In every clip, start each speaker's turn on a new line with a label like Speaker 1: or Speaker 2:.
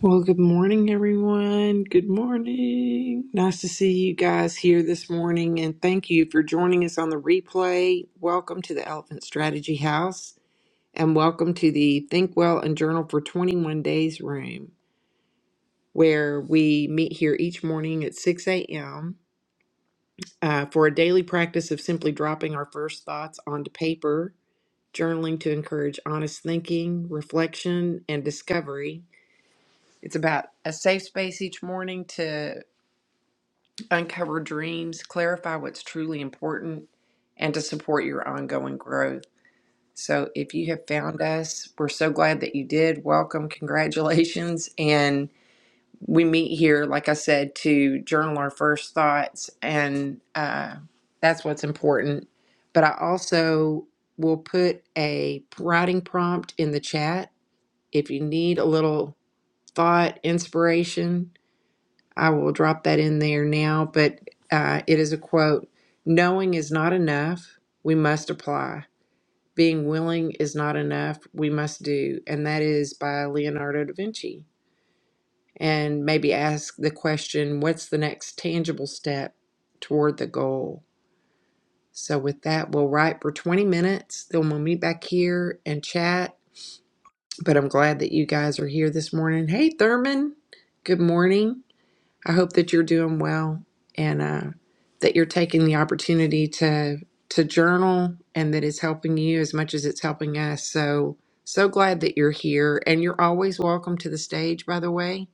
Speaker 1: Well, good morning, everyone. Good morning. Nice to see you guys here this morning, and thank you for joining us on the replay. Welcome to the Elephant Strategy House, and welcome to the Think Well and Journal for 21 Days room, where we meet here each morning at 6 a.m. uh, for a daily practice of simply dropping our first thoughts onto paper, journaling to encourage honest thinking, reflection, and discovery. It's about a safe space each morning to uncover dreams, clarify what's truly important, and to support your ongoing growth. So, if you have found us, we're so glad that you did. Welcome, congratulations. And we meet here, like I said, to journal our first thoughts, and uh, that's what's important. But I also will put a writing prompt in the chat if you need a little thought, inspiration I will drop that in there now, but uh, it is a quote Knowing is not enough, we must apply. Being willing is not enough, we must do. And that is by Leonardo da Vinci. And maybe ask the question what's the next tangible step toward the goal? So, with that, we'll write for 20 minutes. Then we'll meet back here and chat. But I'm glad that you guys are here this morning. Hey, Thurman, good morning. I hope that you're doing well and uh, that you're taking the opportunity to to journal and that it's helping you as much as it's helping us. So so glad that you're here and you're always welcome to the stage. By the way,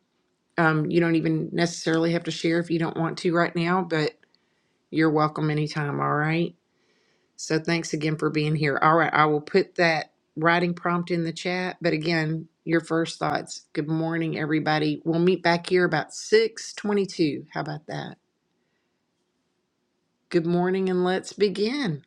Speaker 1: um, you don't even necessarily have to share if you don't want to right now, but you're welcome anytime. All right. So thanks again for being here. All right, I will put that writing prompt in the chat. But again, your first thoughts. Good morning, everybody. We'll meet back here about 622. How about that? Good morning and let's begin.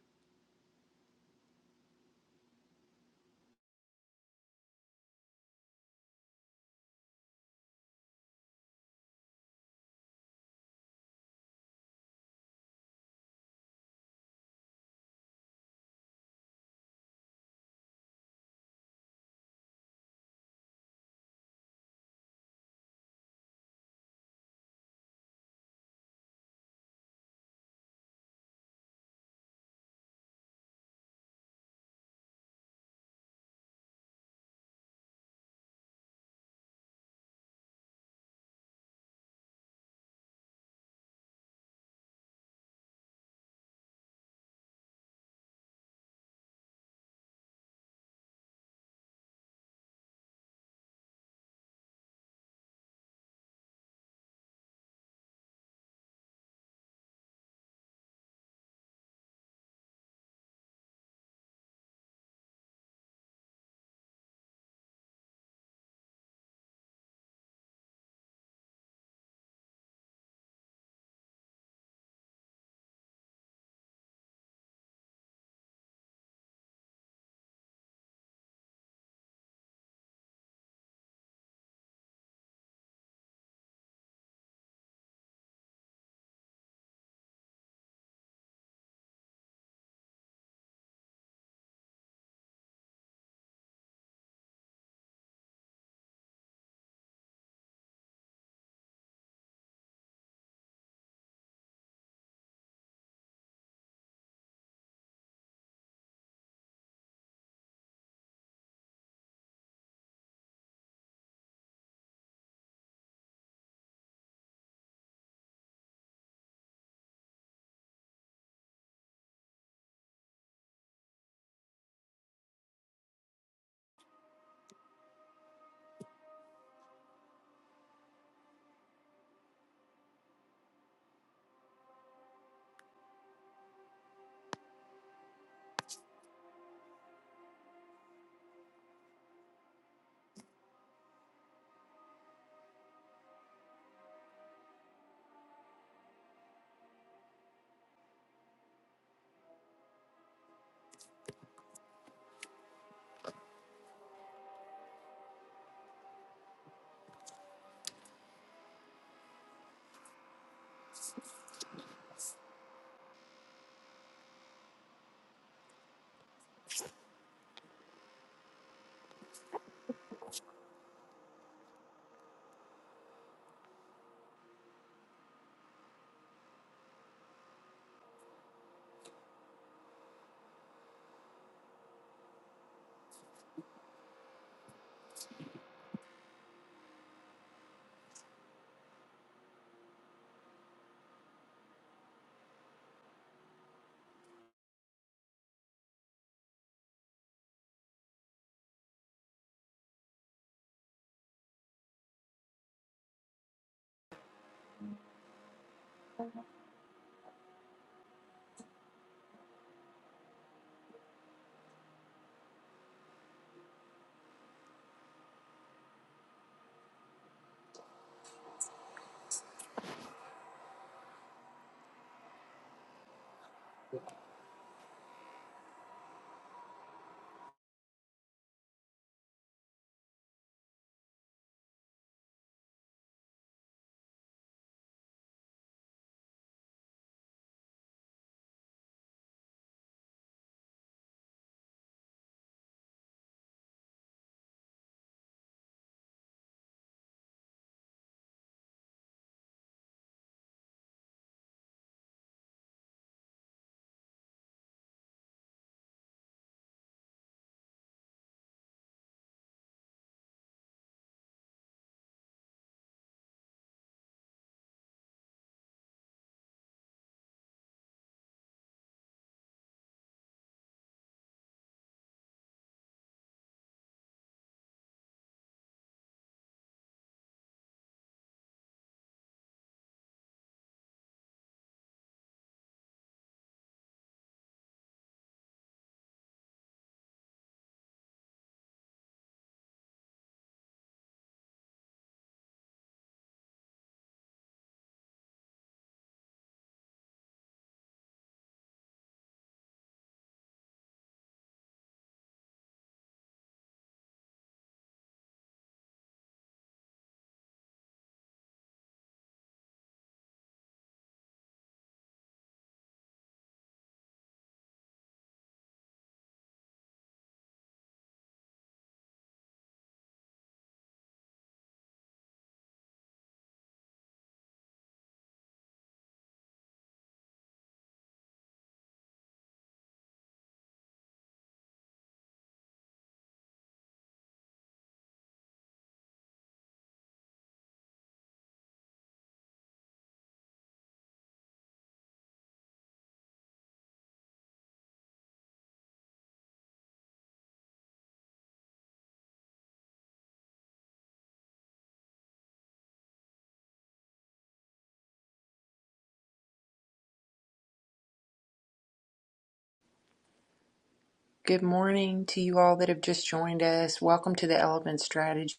Speaker 1: Good morning to you all that have just joined us. Welcome to the Elephant Strategy.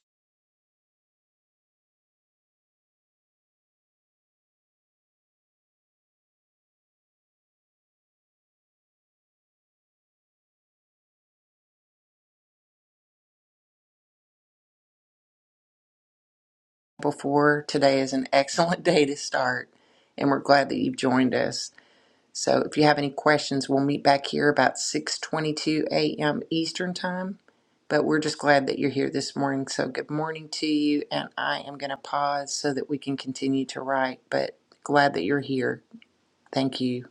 Speaker 1: Before today is an excellent day to start, and we're glad that you've joined us. So if you have any questions, we'll meet back here about 6:22 a.m. Eastern Time. But we're just glad that you're here this morning. So good morning to you, and I am going to pause so that we can continue to write, but glad that you're here. Thank you.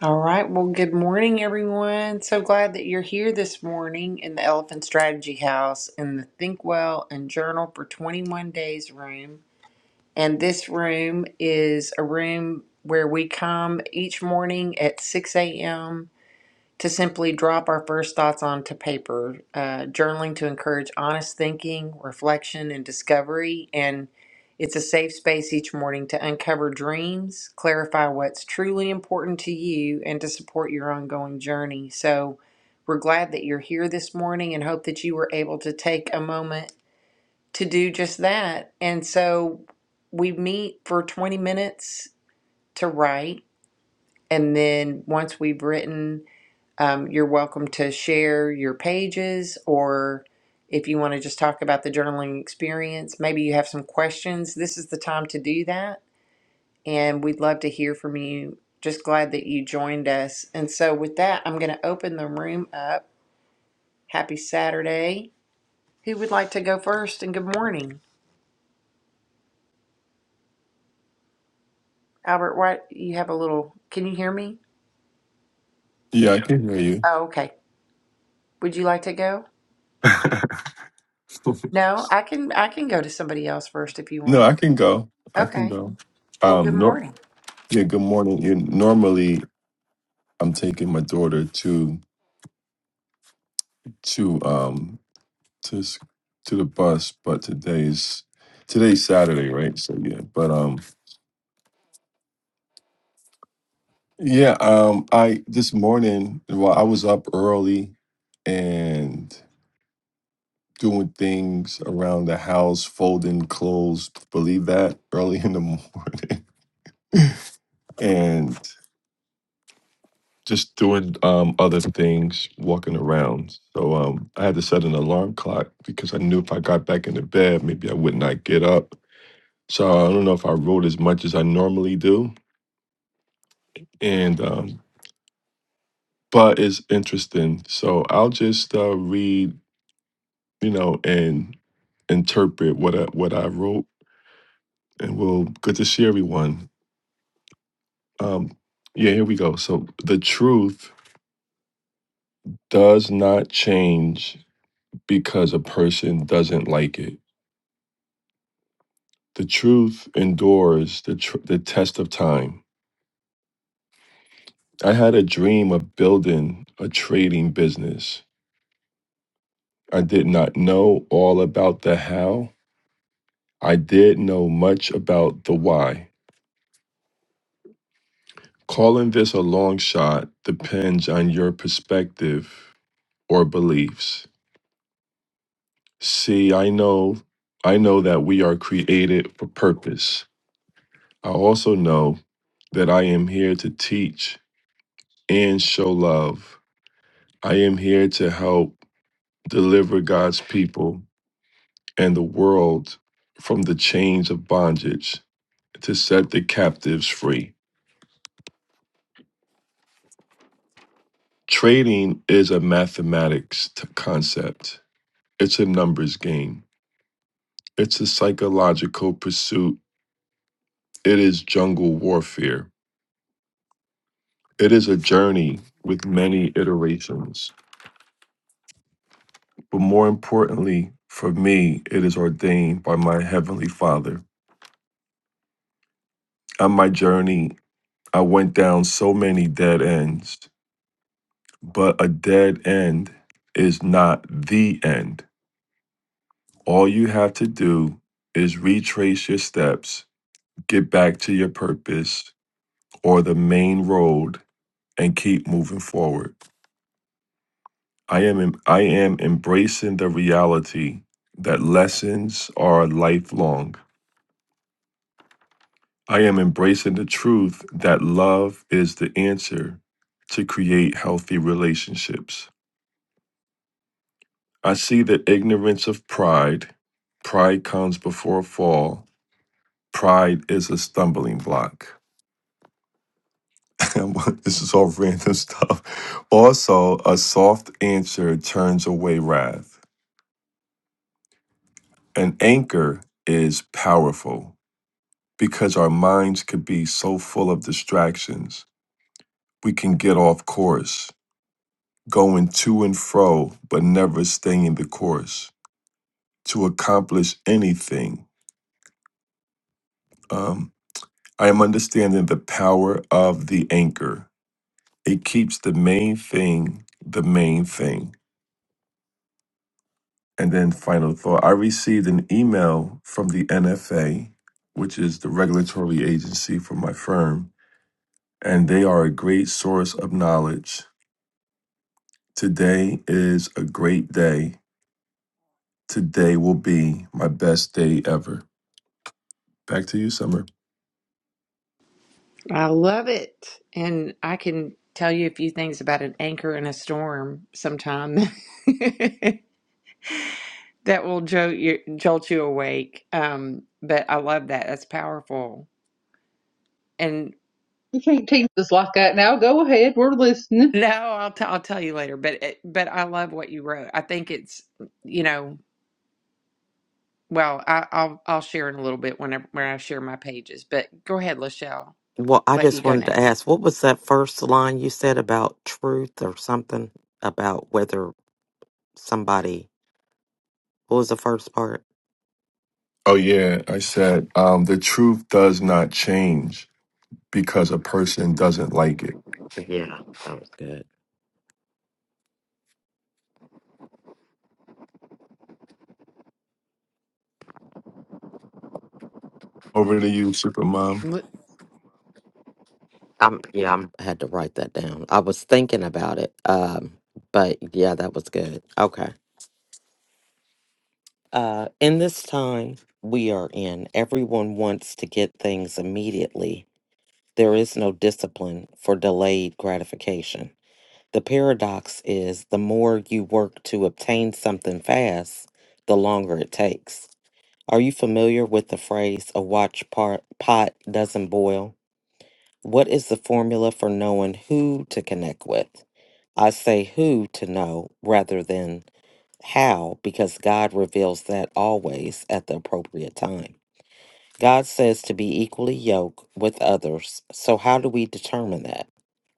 Speaker 1: All right. Well, good morning everyone. So glad that you're here this morning in the Elephant Strategy House in the Think Well and Journal for 21 Days room. And this room is a room where we come each morning at 6 a.m. to simply drop our first thoughts onto paper, uh, journaling to encourage honest thinking, reflection, and discovery. And it's a safe space each morning to uncover dreams, clarify what's truly important to you, and to support your ongoing journey. So we're glad that you're here this morning and hope that you were able to take a moment to do just that. And so we meet for 20 minutes to write. And then once we've written, um, you're welcome to share your pages or if you want to just talk about the journaling experience, maybe you have some questions. This is the time to do that. And we'd love to hear from you. Just glad that you joined us. And so, with that, I'm going to open the room up. Happy Saturday. Who would like to go first? And good morning. Albert, why you have a little? Can you hear me?
Speaker 2: Yeah, I can hear you.
Speaker 1: Oh, okay. Would you like to go? No, I can. I can go to somebody else first if you
Speaker 2: No,
Speaker 1: want.
Speaker 2: I can go. I can
Speaker 1: Okay.
Speaker 2: go.
Speaker 1: Well, good
Speaker 2: Um, nor-
Speaker 1: morning.
Speaker 2: yeah. Good morning. Yeah, normally, I'm taking my daughter to to um to s- to the bus, but today's today's Saturday, right? So yeah. But um, yeah. Um, I this morning, well, I was up early and doing things around the house, folding clothes. Believe that early in the morning, and. just doing um, other things, walking around. So um, I had to set an alarm clock because I knew if I got back into bed, maybe I would not get up. So I don't know if I wrote as much as I normally do, and um, but it's interesting. So I'll just uh, read, you know, and interpret what I, what I wrote, and we'll good to see everyone. Um, yeah, here we go. So the truth does not change because a person doesn't like it The truth endures the, tr- the test of time. I had a dream of building a trading business. I did not know all about the how. I did know much about the why. Calling this a long shot depends on your perspective or beliefs. See, I know I know that we are created for purpose. I also know that I am here to teach and show love. I am here to help deliver God's people and the world from the chains of bondage to set the captives free. Trading is a mathematics t- concept, it's a numbers game, it's a psychological pursuit, it is jungle warfare. It is a journey with many iterations. But more importantly, for me, it is ordained by my Heavenly Father. On my journey, I went down so many dead ends But a dead end is not the end. All you have to do is retrace your steps, get back to your purpose or the main road and keep moving forward. I am em- I am embracing the reality that lessons are lifelong. I am embracing the truth that love is the answer to create healthy relationships. I see the ignorance of pride. Pride comes before a fall pride is a stumbling block. this is all random stuff. Also, a soft answer turns away wrath. An anchor is powerful because our minds could be so full of distractions. We can get off course, going to and fro, but never staying the course to accomplish anything. Um, I am understanding the power of the anchor. It keeps the main thing the main thing And then, final thought I received an email from the NFA, which is the regulatory agency for my firm, and they are a great source of knowledge. Today is a great day. Today will be my best day ever. Back to you, Summer.
Speaker 1: I love it. And I can tell you a few things about an anchor in a storm sometime that will jolt you, jolt you awake. Um, but I love that. That's powerful. And
Speaker 3: You can't tease us like that now. Go ahead. We're listening.
Speaker 1: no, I'll, t- I'll tell you later, but, it, but I love what you wrote. I think it's, you know, Well, I, I'll I'll share in a little bit whenever when I share my pages. But go ahead, Lachelle.
Speaker 4: Well, I
Speaker 1: Let you
Speaker 4: just
Speaker 1: go
Speaker 4: wanted to
Speaker 1: next.
Speaker 4: ask, what was that first line you said about truth or something about whether somebody, what was the first part?
Speaker 2: Oh, yeah. I said um, the truth does not change because a person doesn't like it.
Speaker 4: Yeah, that was good.
Speaker 2: Over to you, Supermom.
Speaker 1: L-
Speaker 4: I'm, yeah, I'm, I had to write that down. I was thinking about it. Um, but yeah, that was good. Okay. Uh, in this time we are in, everyone wants to get things immediately. There is no discipline for delayed gratification. The paradox is the more you work to obtain something fast, the longer it takes. Are you familiar with the phrase, a watch part, pot doesn't boil? What is the formula for knowing who to connect with? I say who to know rather than how because God reveals that always at the appropriate time. God says to be equally yoked with others. So, how do we determine that?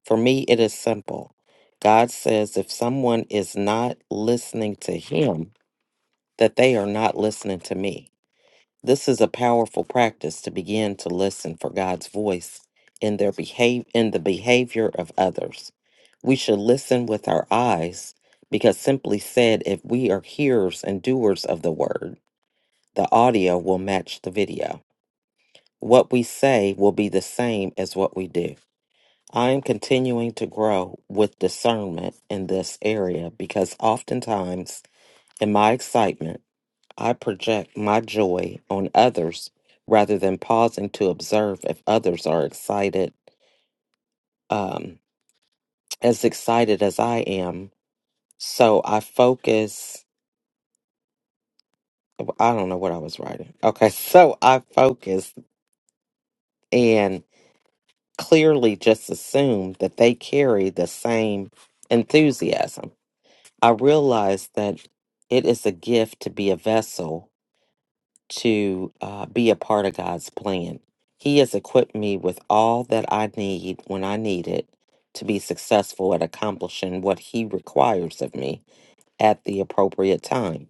Speaker 4: For me, it is simple. God says if someone is not listening to Him, that they are not listening to me. This is a powerful practice to begin to listen for God's voice in their behave in the behavior of others. We should listen with our eyes because simply said if we are hearers and doers of the word, the audio will match the video what we say will be the same as what we do. I am continuing to grow with discernment in this area because oftentimes, in my excitement, I project my joy on others rather than pausing to observe if others are excited, um, as excited as I am. So I focus. I don't know what I was writing. Okay, so I focus and. clearly just assume that they carry the same enthusiasm. I realize that it is a gift to be a vessel to uh, be a part of God's plan. He has equipped me with all that I need when I need it to be successful at accomplishing what He requires of me at the appropriate time.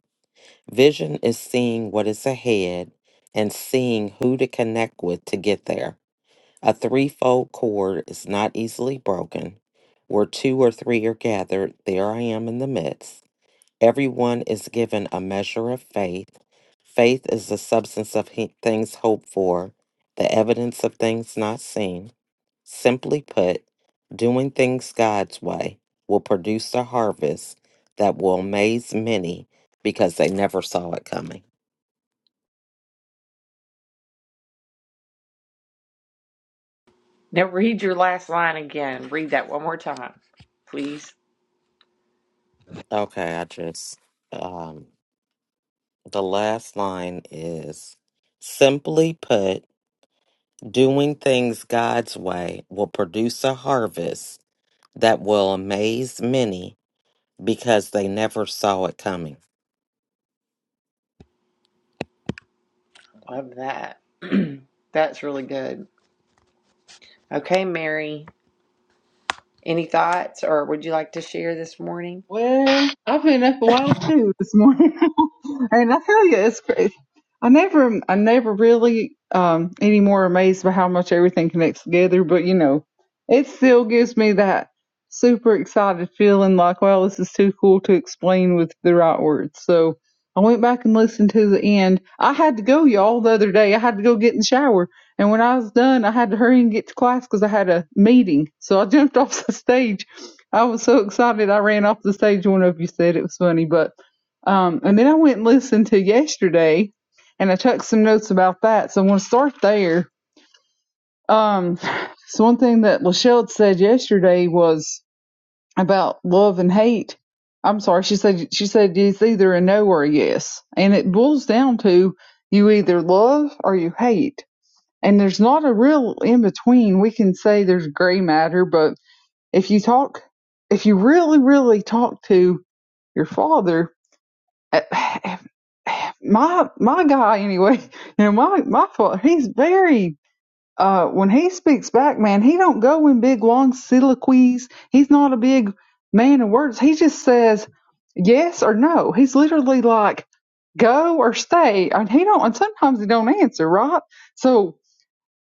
Speaker 4: Vision is seeing what is ahead and seeing who to connect with to get there. A threefold cord is not easily broken. Where two or three are gathered, there I am in the midst. Everyone is given a measure of faith. Faith is the substance of he- things hoped for, the evidence of things not seen. Simply put, doing things God's way will produce a harvest that will amaze many because they never saw it coming.
Speaker 1: Now read your last line again. Read that one more time, please.
Speaker 4: Okay, I just um, The last line is simply put, doing things God's way will produce a harvest that will amaze many because they never saw it coming.
Speaker 1: Love that. That's really good. Okay, Mary. Any thoughts, or would you like to share this morning?
Speaker 3: Well, I've been up a while too this morning, and I tell you, it's crazy. I never, I never really um any more amazed by how much everything connects together. But you know, it still gives me that super excited feeling, like, well, this is too cool to explain with the right words. So I went back and listened to the end. I had to go, y'all, the other day. I had to go get in the shower, and when I was done, I had to hurry and get to class because I had a meeting. So I jumped off the stage I was so excited. I ran off the stage One of you said it was funny, but um, and then I went and listened to yesterday, and I took some notes about that. So I want to start there. Um, so one thing that Lachelle said yesterday was about love and hate. I'm sorry, she said she said it's either a no or a yes, and it boils down to you either love or you hate, and there's not a real in between. We can say there's gray matter, but if you talk, if you really, really talk to your father, eh, eh, my my guy anyway, you know my my father, he's very. Uh, when he speaks back, man, he don't go in big long soliloquies. He's not a big man of words. He just says yes or no. He's literally like go or stay, and he don't. And sometimes he don't answer, right? So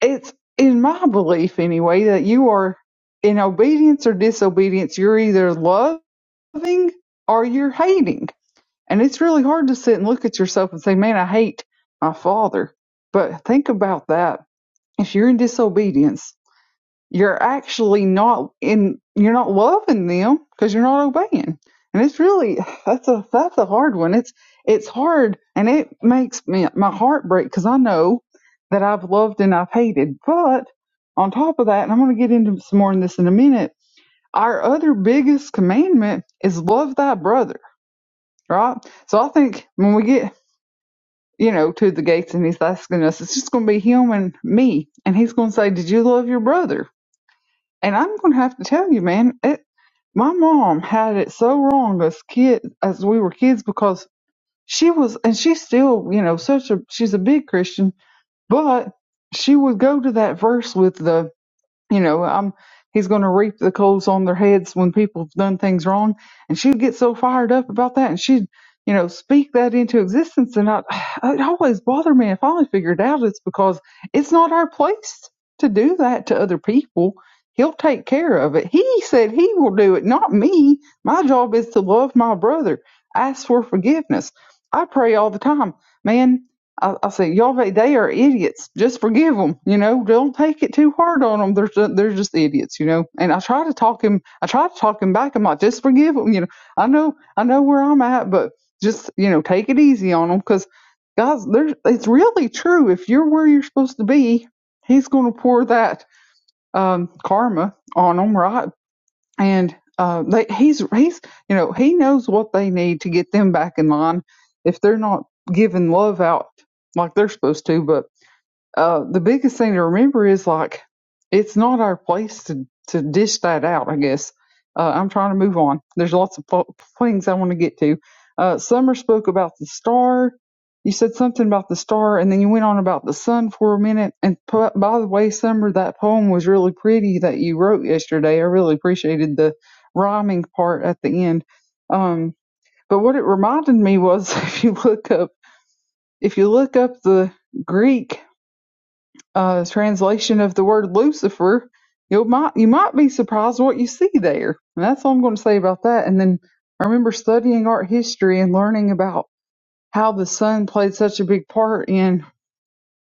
Speaker 3: it's in my belief anyway that you are in obedience or disobedience. You're either loved loving or you're hating. And it's really hard to sit and look at yourself and say, man, I hate my father. But think about that. If you're in disobedience, you're actually not in, you're not loving them because you're not obeying. And it's really, that's a, that's a hard one. It's, it's hard and it makes me, my heart break because I know that I've loved and I've hated. But on top of that, and I'm going to get into some more in this in a minute, our other biggest commandment is love thy brother right? So I think when we get, you know, to the gates and he's asking us, it's just going to be him and me. And he's going to say, Did you love your brother? And I'm going to have to tell you, man, it, my mom had it so wrong as kid, as we were kids, because she was, and she's still, you know, such a, she's a big Christian, but she would go to that verse with the you know, I'm he's going to reap the coals on their heads when people have done things wrong. And she'd get so fired up about that, and she'd, you know, speak that into existence. And I, it always bothered me. I finally figured out it's because it's not our place to do that to other people. He'll take care of it. He said he will do it, not me. My job is to love my brother, ask for forgiveness. I pray all the time, man. I, I said, y'all, they they are idiots. Just forgive them. You know, don't take it too hard on them. They're just, they're just idiots. You know. And I try to talk him. I try to talk him back. I'm like, just forgive them. You know. I know. I know where I'm at, but just you know, take it easy on them because, guys, there's it's really true. If you're where you're supposed to be, he's going to pour that um, karma on them, right? and uh, they, he's he's you know he knows what they need to get them back in line if they're not giving love out like they're supposed to. but uh, the biggest thing to remember is like it's not our place to to dish that out. I guess uh, I'm trying to move on. There's lots of pl- things I want to get to. Uh, Summer spoke about the star. You said something about the star, and then you went on about the sun for a minute. And p- by the way, Summer, that poem was really pretty that you wrote yesterday. I really appreciated the rhyming part at the end. Um, but what it reminded me was, if you look up, if you look up the Greek uh, translation of the word Lucifer, you might you might be surprised what you see there. And that's all I'm going to say about that. And then I remember studying art history and learning about how the sun played such a big part in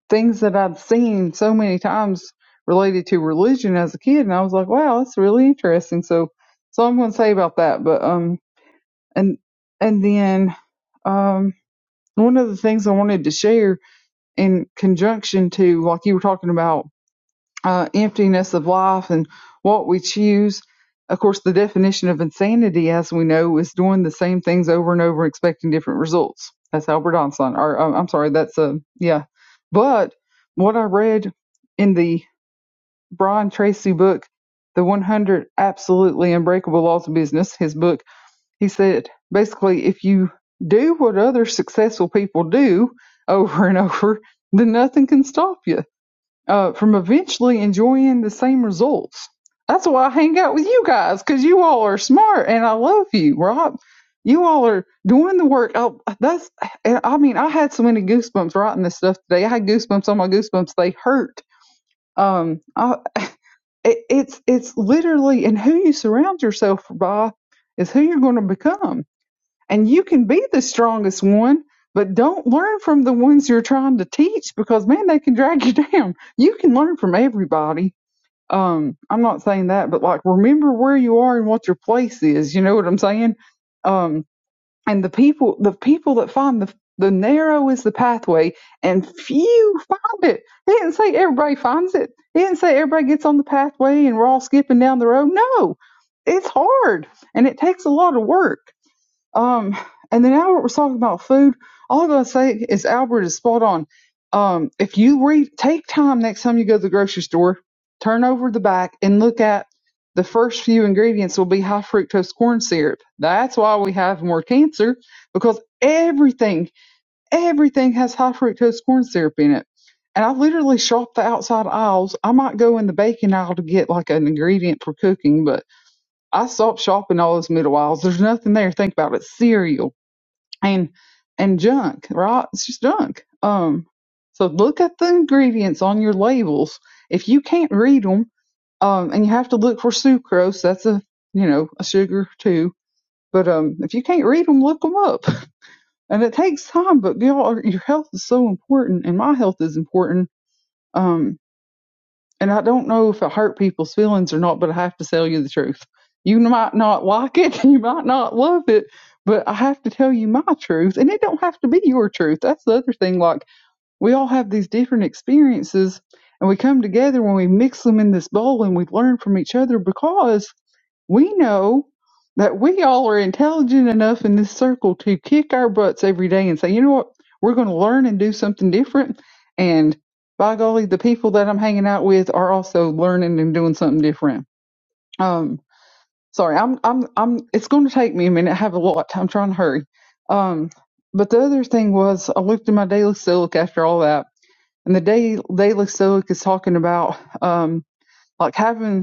Speaker 3: things that I'd seen so many times related to religion as a kid. And I was like, wow, that's really interesting. So so I'm going to say about that. But um, and and then um, one of the things I wanted to share in conjunction to like you were talking about uh, emptiness of life and what we choose. Of course, the definition of insanity, as we know, is doing the same things over and over, expecting different results. That's Albert Einstein. Or um, I'm sorry, that's a yeah. But what I read in the Brian Tracy book, The 100 Absolutely Unbreakable Laws of Business, his book, he said basically if you do what other successful people do over and over, then nothing can stop you uh, from eventually enjoying the same results. That's why I hang out with you guys because you all are smart and I love you, Rob. You all are doing the work. I, that's, and I mean, I had so many goosebumps writing this stuff today. I had goosebumps on my goosebumps. They hurt. Um, I, it, it's it's literally, and who you surround yourself by is who you're going to become. And you can be the strongest one, but don't learn from the ones you're trying to teach because man, they can drag you down. You can learn from everybody. Um, I'm not saying that, but like remember where you are and what your place is. You know what I'm saying? Um, and the people, the people that find the the narrow is the pathway, and few find it. He didn't say everybody finds it. He didn't say everybody gets on the pathway and we're all skipping down the road. No, it's hard and it takes a lot of work um, and then Albert was talking about food. All I gotta say is Albert is spot on. Um, if you read, take time next time you go to the grocery store, turn over the back and look at the first few ingredients will be high fructose corn syrup. That's why we have more cancer because everything, everything has high fructose corn syrup in it. And I literally shop the outside aisles. I might go in the baking aisle to get like an ingredient for cooking, but I stop shopping all those middle aisles. There's nothing there. Think about it. Cereal and and junk, right? It's just junk. Um, so look at the ingredients on your labels. If you can't read them, um, and you have to look for sucrose, that's a you know a sugar too. But um, if you can't read them, look them up. And it takes time, but y'all, are- your health is so important, and my health is important. Um, and I don't know if it hurt people's feelings or not, but I have to tell you the truth. You might not like it, you might not love it, but I have to tell you my truth, and it don't have to be your truth. That's the other thing. Like we all have these different experiences, and we come together when we mix them in this bowl, and we learn from each other because we know that we all are intelligent enough in this circle to kick our butts every day and say, you know what, we're going to learn and do something different. And by golly, the people that I'm hanging out with are also learning and doing something different. Um, sorry, I'm, I'm, I'm. It's going to take me a minute. I have a lot. I'm trying to hurry. Um, but the other thing was, I looked in my daily silic after all that, and the day daily silic is talking about um, like having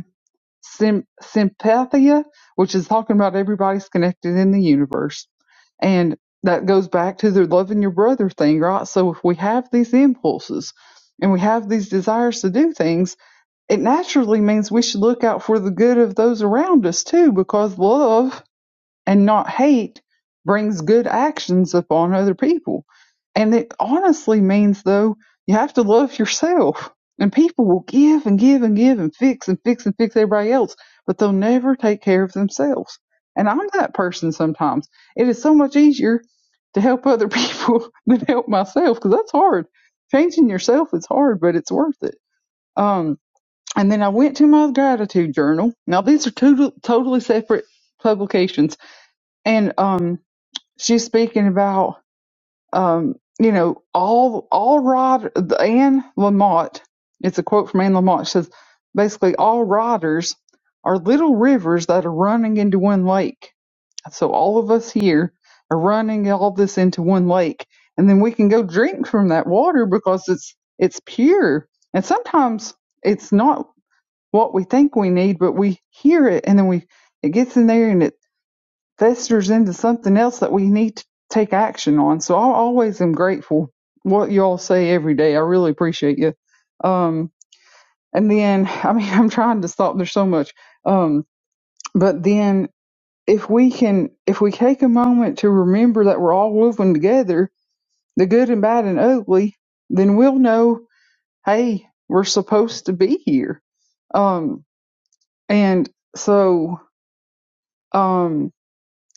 Speaker 3: sym- sympathia, which is talking about everybody's connected in the universe. And that goes back to the loving your brother thing, right? So if we have these impulses and we have these desires to do things, it naturally means we should look out for the good of those around us too, because love and not hate brings good actions upon other people. And it honestly means, though, you have to love yourself. And people will give and give and give and fix and fix and fix everybody else, but they'll never take care of themselves. And I'm that person sometimes. It is so much easier to help other people than help myself because that's hard. Changing yourself is hard, but it's worth it. Um, and then I went to my gratitude journal. Now, these are two totally separate publications and um she's speaking about um you know all all rod Anne Lamott it's a quote from Anne Lamott she says basically all riders are little rivers that are running into one lake so all of us here are running all this into one lake and then we can go drink from that water because it's it's pure and sometimes it's not what we think we need but we hear it and then we it gets in there and it festers into something else that we need to take action on. So I always am grateful what y'all say every day. I really appreciate you. Um, and then I mean I'm trying to stop. There's so much. Um, but then if we can, if we take a moment to remember that we're all woven together, the good and bad and ugly, then we'll know, hey, we're supposed to be here. Um, and so, um,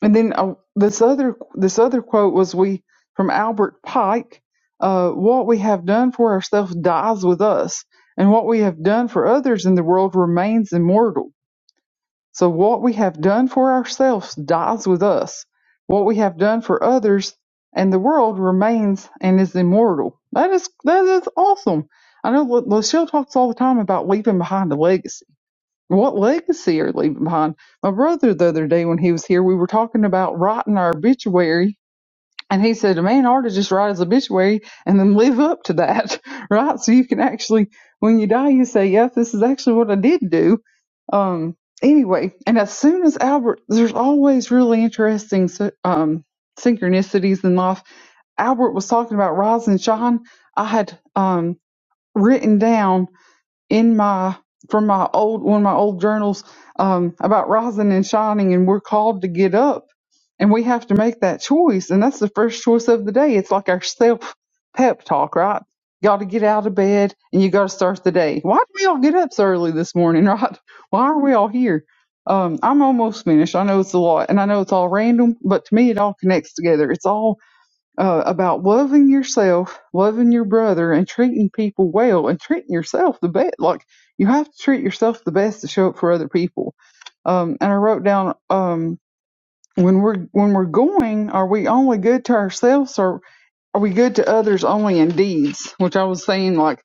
Speaker 3: And then uh, this other this other quote was we from Albert Pike, uh, what we have done for ourselves dies with us, and what we have done for others in the world remains immortal. So what we have done for ourselves dies with us. What we have done for others and the world remains and is immortal. That is that is awesome. I know Lu- Lucille talks all the time about leaving behind a legacy what legacy are leaving behind? My brother, the other day when he was here, we were talking about writing our obituary, and he said a man ought to just write his obituary and then live up to that, right? So you can actually, when you die, you say, "Yes, this is actually what I did do." Um. Anyway, and as soon as Albert, there's always really interesting um synchronicities in life. Albert was talking about rise and shine. I had um written down in my from my old one of my old journals um, about rising and shining, and we're called to get up, and we have to make that choice, and that's the first choice of the day. It's like our self pep talk, right? You Got to get out of bed, and you got to start the day. Why do we all get up so early this morning, right? Why are we all here? Um, I'm almost finished. I know it's a lot, and I know it's all random, but to me, it all connects together. It's all uh, about loving yourself, loving your brother, and treating people well, and treating yourself the best. Like you have to treat yourself the best to show up for other people. Um, and I wrote down um, when we're when we're going, are we only good to ourselves, or are we good to others only in deeds? Which I was saying, like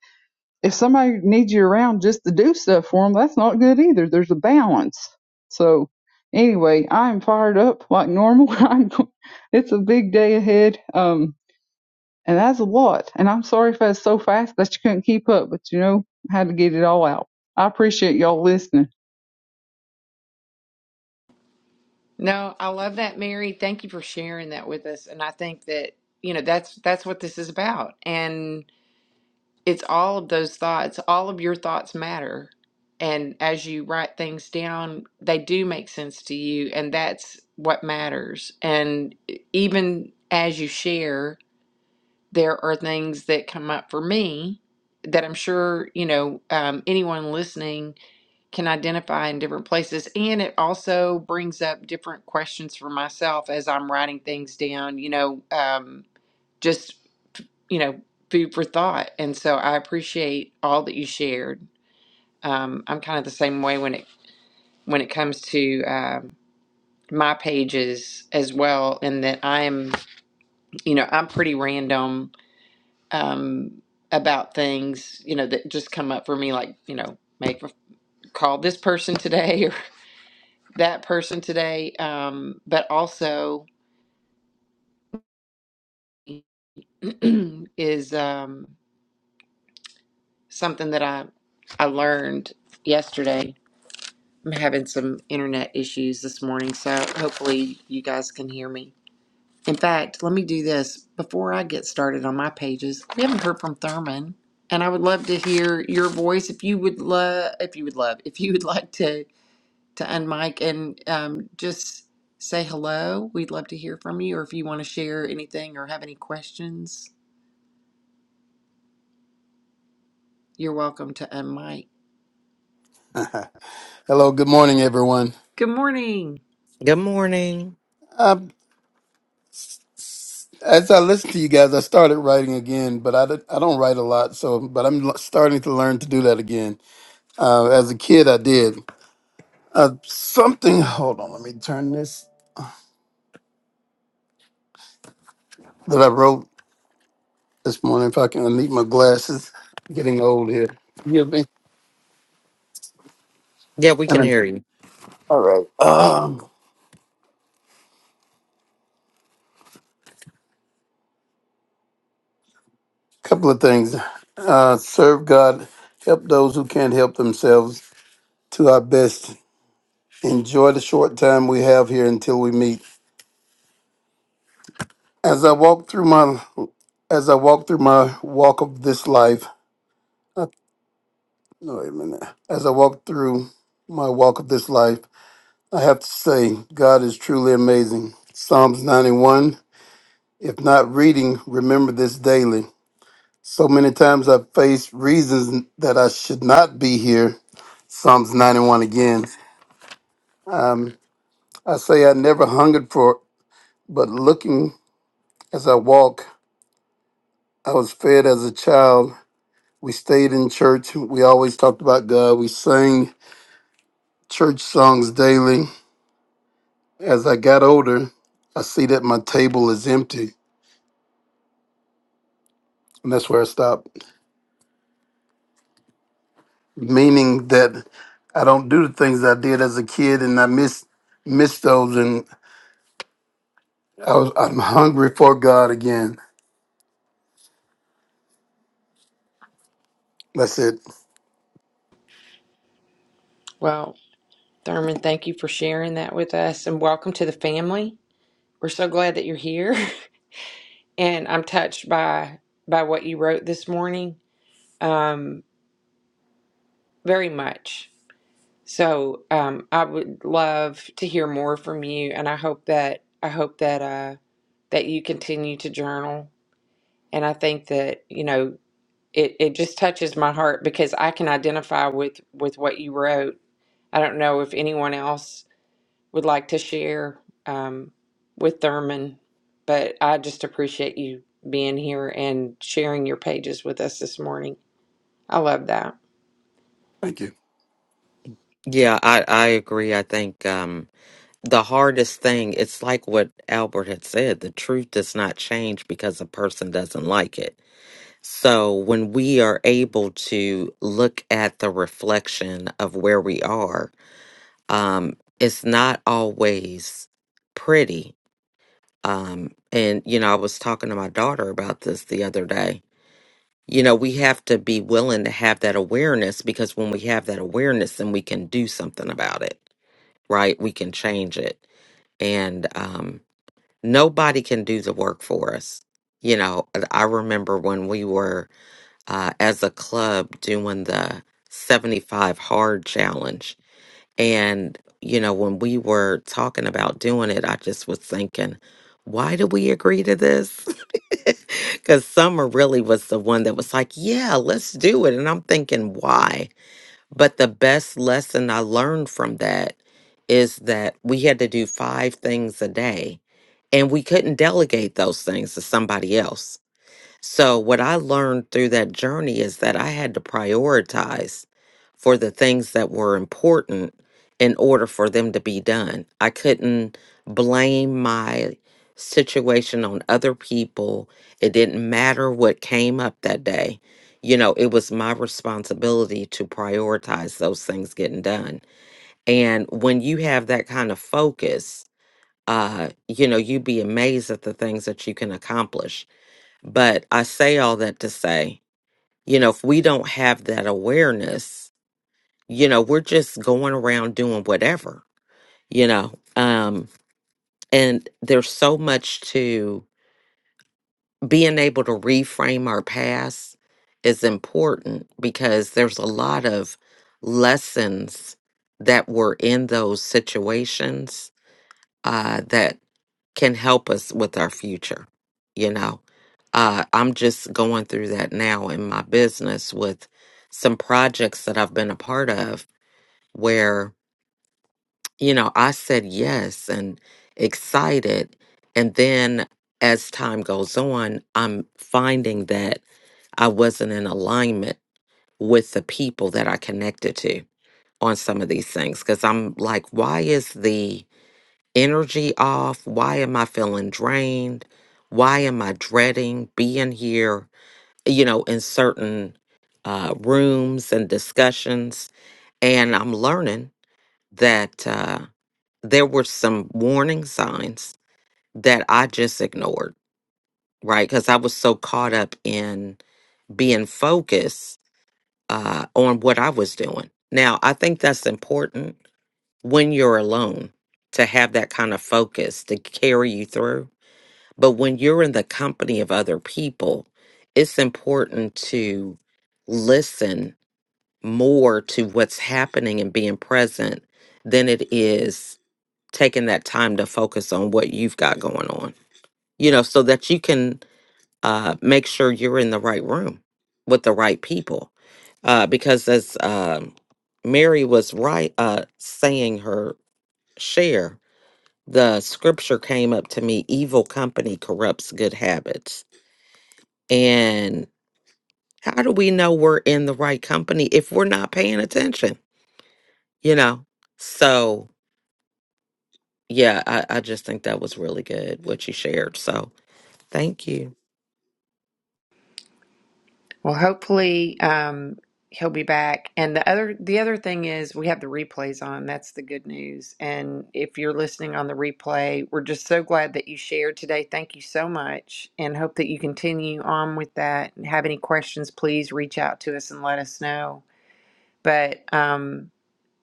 Speaker 3: if somebody needs you around just to do stuff for them, that's not good either. There's a balance. So anyway, I'm fired up like normal. I'm, it's a big day ahead. Um, and that's a lot. And I'm sorry if I was so fast that you couldn't keep up, but you know, I had to get it all out. I appreciate y'all listening.
Speaker 1: No, I love that, Mary. Thank you for sharing that with us. And I think that, you know, that's that's what this is about. it's all of those thoughts all of your thoughts matter and as you write things down they do make sense to you and that's what matters and even as you share there are things that come up for me that i'm sure you know um, anyone listening can identify in different places and it also brings up different questions for myself as i'm writing things down you know um, just you know, food for thought. And so I appreciate all that you shared. Um, I'm kind of the same way when it when it comes to um, my pages as well, in that I'm, you know, I'm pretty random um, about things, you know, that just come up for me, like you know, make call this person today or that person today, um, but also is um, something that I I learned yesterday I'm having some internet issues this morning, so hopefully you guys can hear me. In fact, let me do this before I get started on my pages. We haven't heard from Thurman, and I would love to hear your voice if you would love if you would love if you would like to to unmic and um, just say hello. We'd love to hear from you, or if you want to share anything or have any questions, you're welcome to unmic.
Speaker 5: Hello, good morning, everyone.
Speaker 1: Good morning.
Speaker 4: Good morning.
Speaker 5: Um, as I listen to you guys, I started writing again, but I, don't- I don't write a lot, so but I'm l- starting to learn to do that again. Uh, as a kid, I did uh, something. Hold on, let me turn this that I wrote this morning. If I can, I need my glasses. Getting old here. Forgive me.
Speaker 4: Yeah, we can hear you.
Speaker 5: All right. Um, couple of things. Uh, serve God. Help those who can't help themselves. To our best. Enjoy the short time we have here until we meet As I walk through my as I walk through my walk of this life, no, wait a minute. As I walk through my walk of this life, I have to say, God is truly amazing. Psalms 91. If not reading, remember this daily. So many times I've faced reasons that I should not be here. Psalms 91 again. Um, I say I never hungered for, it, but looking as I walk, I was fed as a child We stayed in church. We always talked about God. We sang church songs daily. As I got older, I see that my table is empty. And that's where I stopped. Meaning that I don't do the things I did as a kid and I miss miss those and I was, I'm hungry for God again. That's it.
Speaker 1: Well, Thurman, thank you for sharing that with us, and welcome to the family. We're so glad that you're here, and I'm touched by by what you wrote this morning, um, very much. So um, I would love to hear more from you, and I hope that I hope that uh, that you continue to journal. And I think that you know it it just touches my heart because I can identify with with what you wrote. I don't know if anyone else would like to share um, with Thurman, but I just appreciate you being here and sharing your pages with us this morning. I love that.
Speaker 5: Thank you.
Speaker 4: Yeah, I, I agree. I think um, the hardest thing, it's like what Albert had said the truth does not change because a person doesn't like it. So when we are able to look at the reflection of where we are, um, it's not always pretty. Um, and, you know, I was talking to my daughter about this the other day. You know, we have to be willing to have that awareness because when we have that awareness, then we can do something about it, right? We can change it. And um, nobody can do the work for us. You know, And I remember when we were uh, as a club doing the 75 hard challenge and, you know, when we were talking about doing it, I just was thinking, why did we agree to this? Because Summer really was the one that was like, yeah, let's do it. And I'm thinking, why? But the best lesson I learned from that is that we had to do five things a day and we couldn't delegate those things to somebody else so, what I learned through that journey is that I had to prioritize for the things that were important in order for them to be done. I couldn't blame my situation on other people. It didn't matter what came up that day. You know, it was my responsibility to prioritize those things getting done. And when you have that kind of focus, uh, you know, you'd be amazed at the things that you can accomplish but I say all that to say, you know, if we don't have that awareness, you know, we're just going around doing whatever, you know. Um, and there's so much to being able to reframe our past is important because there's a lot of lessons that were in those situations uh, that can help us with our future. You know, uh, I'm just going through that now in my business with some projects that I've been a part of where, you know, I said yes and excited. And then as time goes on, I'm finding that I wasn't in alignment with the people that I connected to on some of these things because I'm like, why is the energy off? Why am I feeling drained? Why am I dreading being here, you know, in certain uh, rooms and discussions? And I'm learning that uh, there were some warning signs that I just ignored, right? Because I was so caught up in being focused uh, on what I was doing. Now, I think that's important when you're alone to have that kind of focus to carry you through But when you're in the company of other people, it's important to listen more to what's happening and being present than it is taking that time to focus on what you've got going on, you know, so that you can uh, make sure you're in the right room with the right people. Uh, because as um Mary was right, uh, saying her share, the scripture came up to me evil company corrupts good habits And how do we know we're in the right company if we're not paying attention? You know? So, yeah, I, I just think that was really good what you shared. So, thank you.
Speaker 1: Well, hopefully um, he'll be back. And the other the other thing is we have the replays on. That's the good news. And if you're listening on the replay, we're just so glad that you shared today. Thank you so much, and hope that you continue on with that. And have any questions, please reach out to us and let us know. But um,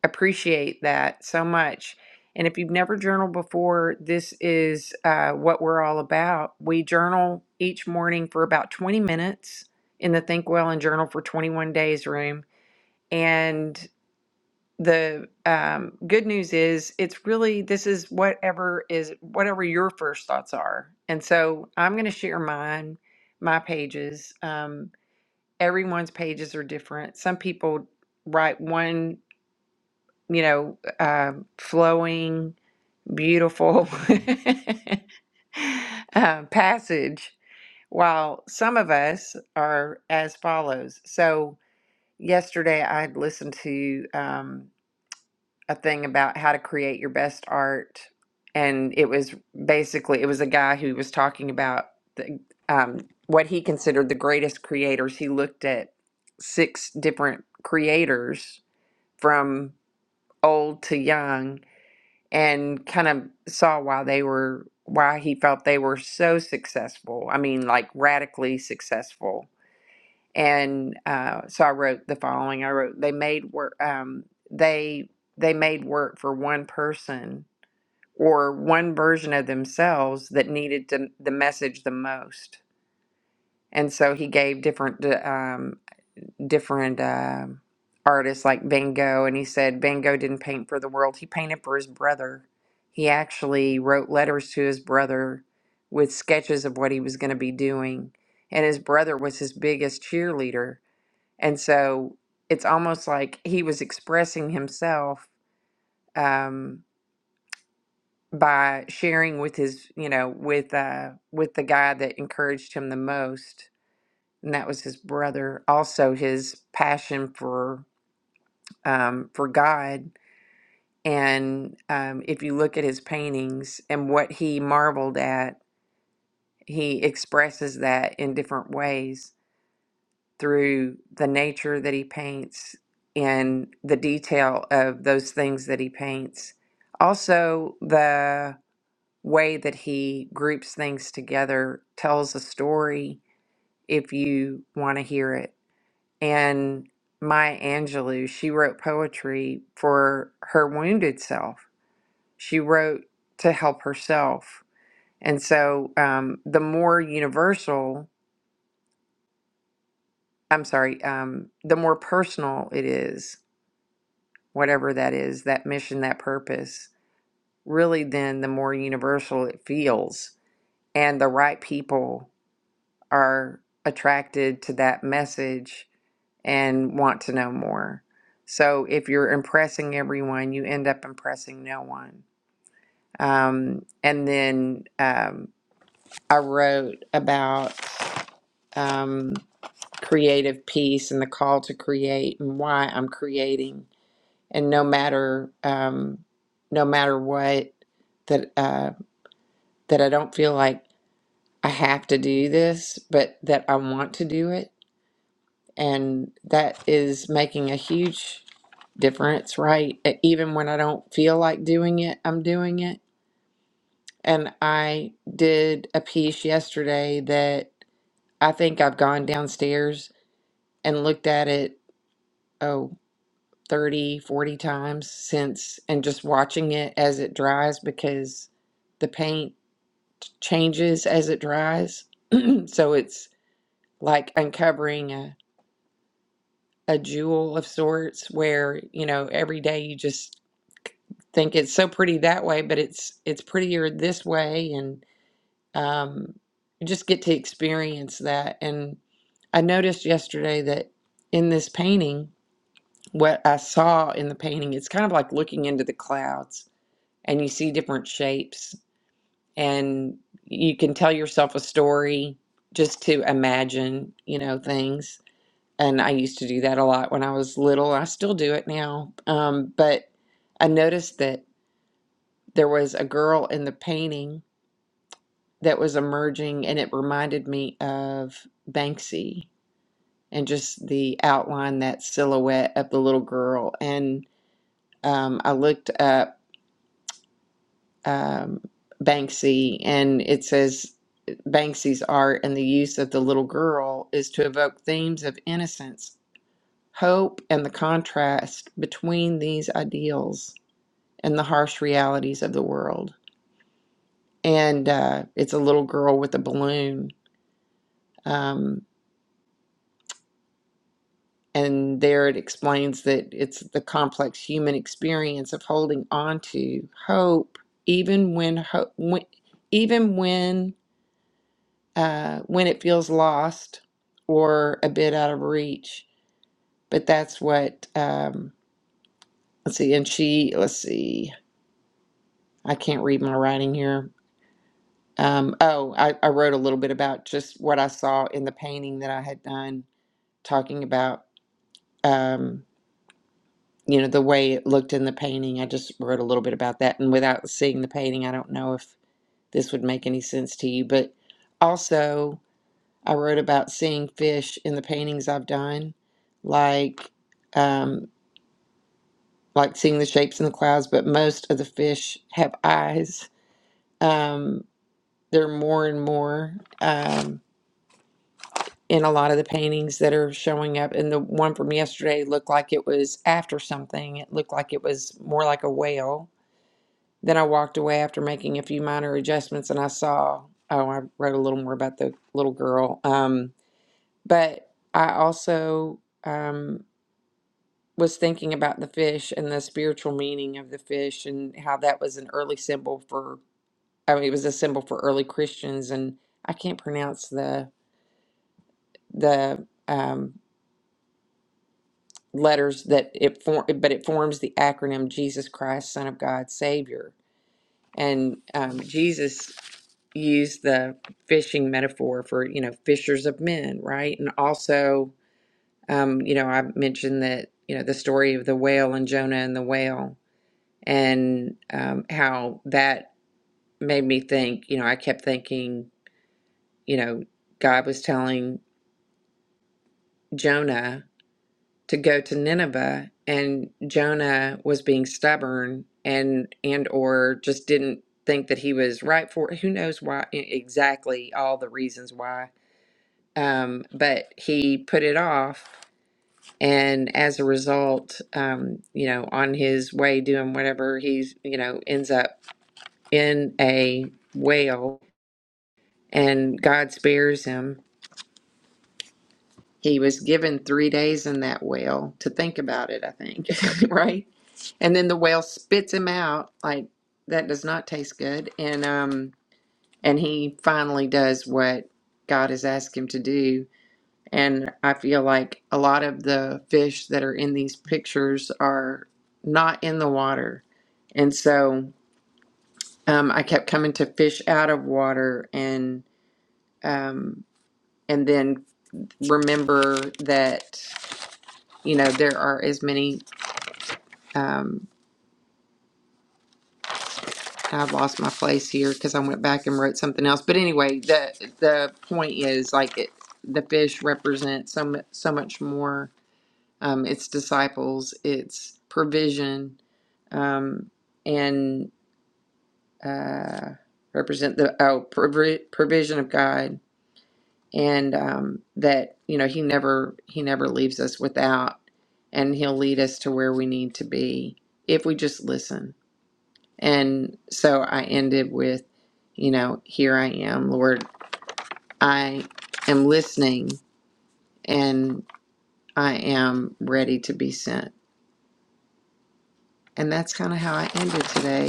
Speaker 1: appreciate that so much. And if you've never journaled before, this is uh, what we're all about. We journal each morning for about 20 minutes in the Think Well and Journal for 21 Days room. And the um, good news is, it's really this is whatever is whatever your first thoughts are. And so I'm going to share mine, my pages. Um, everyone's pages are different. Some people write one you know, um flowing, beautiful uh, passage, while some of us are as follows. So, yesterday I listened to um, a thing about how to create your best art, and it was basically it was a guy who was talking about the, um, what he considered the greatest creators. He looked at six different creators from old to young and kind of saw why they were why he felt they were so successful. I mean, like radically successful. And uh, so I wrote the following. I wrote they made work. Um, they they made work for one person or one version of themselves that needed to, the message the most. And so he gave different um, different um artists like Van Gogh, and he said Van Gogh didn't paint for the world. He painted for his brother. He actually wrote letters to his brother with sketches of what he was going to be doing, and his brother was his biggest cheerleader. And so it's almost like he was expressing himself um, by sharing with his, you know, with uh, with the guy that encouraged him the most, and that was his brother. Also, his passion for um, for God. And um, if you look at his paintings and what he marveled at, he expresses that in different ways through the nature that he paints and the detail of those things that he paints. Also, the way that he groups things together tells a story if you want to hear it. And Maya Angelou, she wrote poetry for her wounded self she wrote to help herself. And so um, the more universal, I'm sorry, um, the more personal it is, whatever that is, that mission, that purpose, really then the more universal it feels. And the right people are attracted to that message and want to know more. So if you're impressing everyone, you end up impressing no one. Um, and then um, I wrote about um, creative piece and the call to create and why I'm creating. And no matter um, no matter what that uh, that I don't feel like I have to do this, but that I want to do it, and that is making a huge difference, right? E- Even when I don't feel like doing it, I'm doing it. And I did a piece yesterday that I think I've gone downstairs and looked at it. oh, 30, 40 times since and just watching it as it dries because the paint changes as it dries. so it's like uncovering a, a jewel of sorts where, you know, every day you just think it's so pretty that way, but it's it's prettier this way and um you just get to experience that. And I noticed yesterday that in this painting, what I saw in the painting, it's kind of like looking into the clouds and you see different shapes and you can tell yourself a story just to imagine you know things and i used to do that a lot when i was little i still do it now um, but i noticed that there was a girl in the painting that was emerging and it reminded me of banksy and just the outline that silhouette of the little girl and um, i looked up um, Banksy, and it says Banksy's art and the use of the little girl is to evoke themes of innocence, hope, and the contrast between these ideals and the harsh realities of the world. And uh, it's a little girl with a balloon. Um, and there it explains that it's the complex human experience of holding on to hope, even when, ho- when even when uh, when it feels lost or a bit out of reach. But that's what, um, let's see, and she, let's see, I can't read my writing here. Um, oh, I, I wrote a little bit about just what I saw in the painting that I had done, talking about, um, you know, the way it looked in the painting. I just wrote a little bit about that. And without seeing the painting, I don't know if this would make any sense to you. But also, I wrote about seeing fish in the paintings I've done, like um, like seeing the shapes in the clouds. But most of the fish have eyes. Um, there are more and more um, in a lot of the paintings that are showing up. And the one from yesterday looked like it was after something. It looked like it was more like a whale. Then I walked away after making a few minor adjustments, and I saw. Oh, I wrote a little more about the little girl. Um, but I also. Um, was thinking about the fish and the spiritual meaning of the fish and how that was an early symbol for I mean it was a symbol for early Christians and I can't pronounce the the um, letters that it form but it forms the acronym Jesus Christ Son of God Savior and um, Jesus used the fishing metaphor for you know fishers of men right and also um, you know I mentioned that you know the story of the whale and Jonah and the whale and um, how that made me think. You know, I kept thinking, you know, God was telling Jonah to go to Nineveh, and Jonah was being stubborn and and or just didn't think that he was right for it. Who knows why e- exactly all the reasons why. Um, but he put it off, and as a result, um, you know, on his way doing whatever he's, you know, ends up in a whale and God spares him. He was given three days in that whale to think about it, I think, right? And then the whale spits him out. Like that does not taste good. And um, and he finally does what God has asked him to do. And I feel like a lot of the fish that are in these pictures are not in the water, and so um, I kept coming to fish out of water and um, and then remember that you know there are as many um I've lost my place here because I went back and wrote something else. But anyway, the the point is like it, the fish represents so mu- so much more. Um, its disciples, its provision, um, and uh, represent the oh provi- provision of God and um, that you know he never he never leaves us without and he'll lead us to where we need to be if we just listen and so i ended with you know here i am lord i am listening and i am ready to be sent and that's kind of how i ended today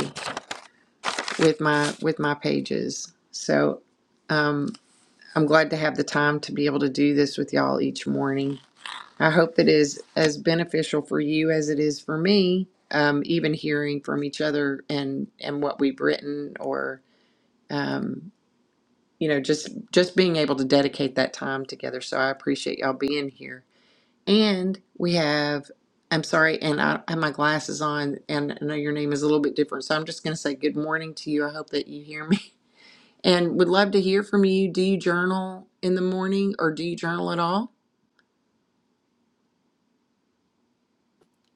Speaker 1: with my with my pages so um, i'm glad to have the time to be able to do this with y'all each morning I hope that is as beneficial for you as it is for me. Um, even hearing from each other and and what we've written, or um, you know, just just being able to dedicate that time together. So I appreciate y'all being here. And we have, I'm sorry, and I have my glasses on, and I know your name is a little bit different, so I'm just going to say good morning to you. I hope that you hear me, and would love to hear from you. Do you journal in the morning, or do you journal at all?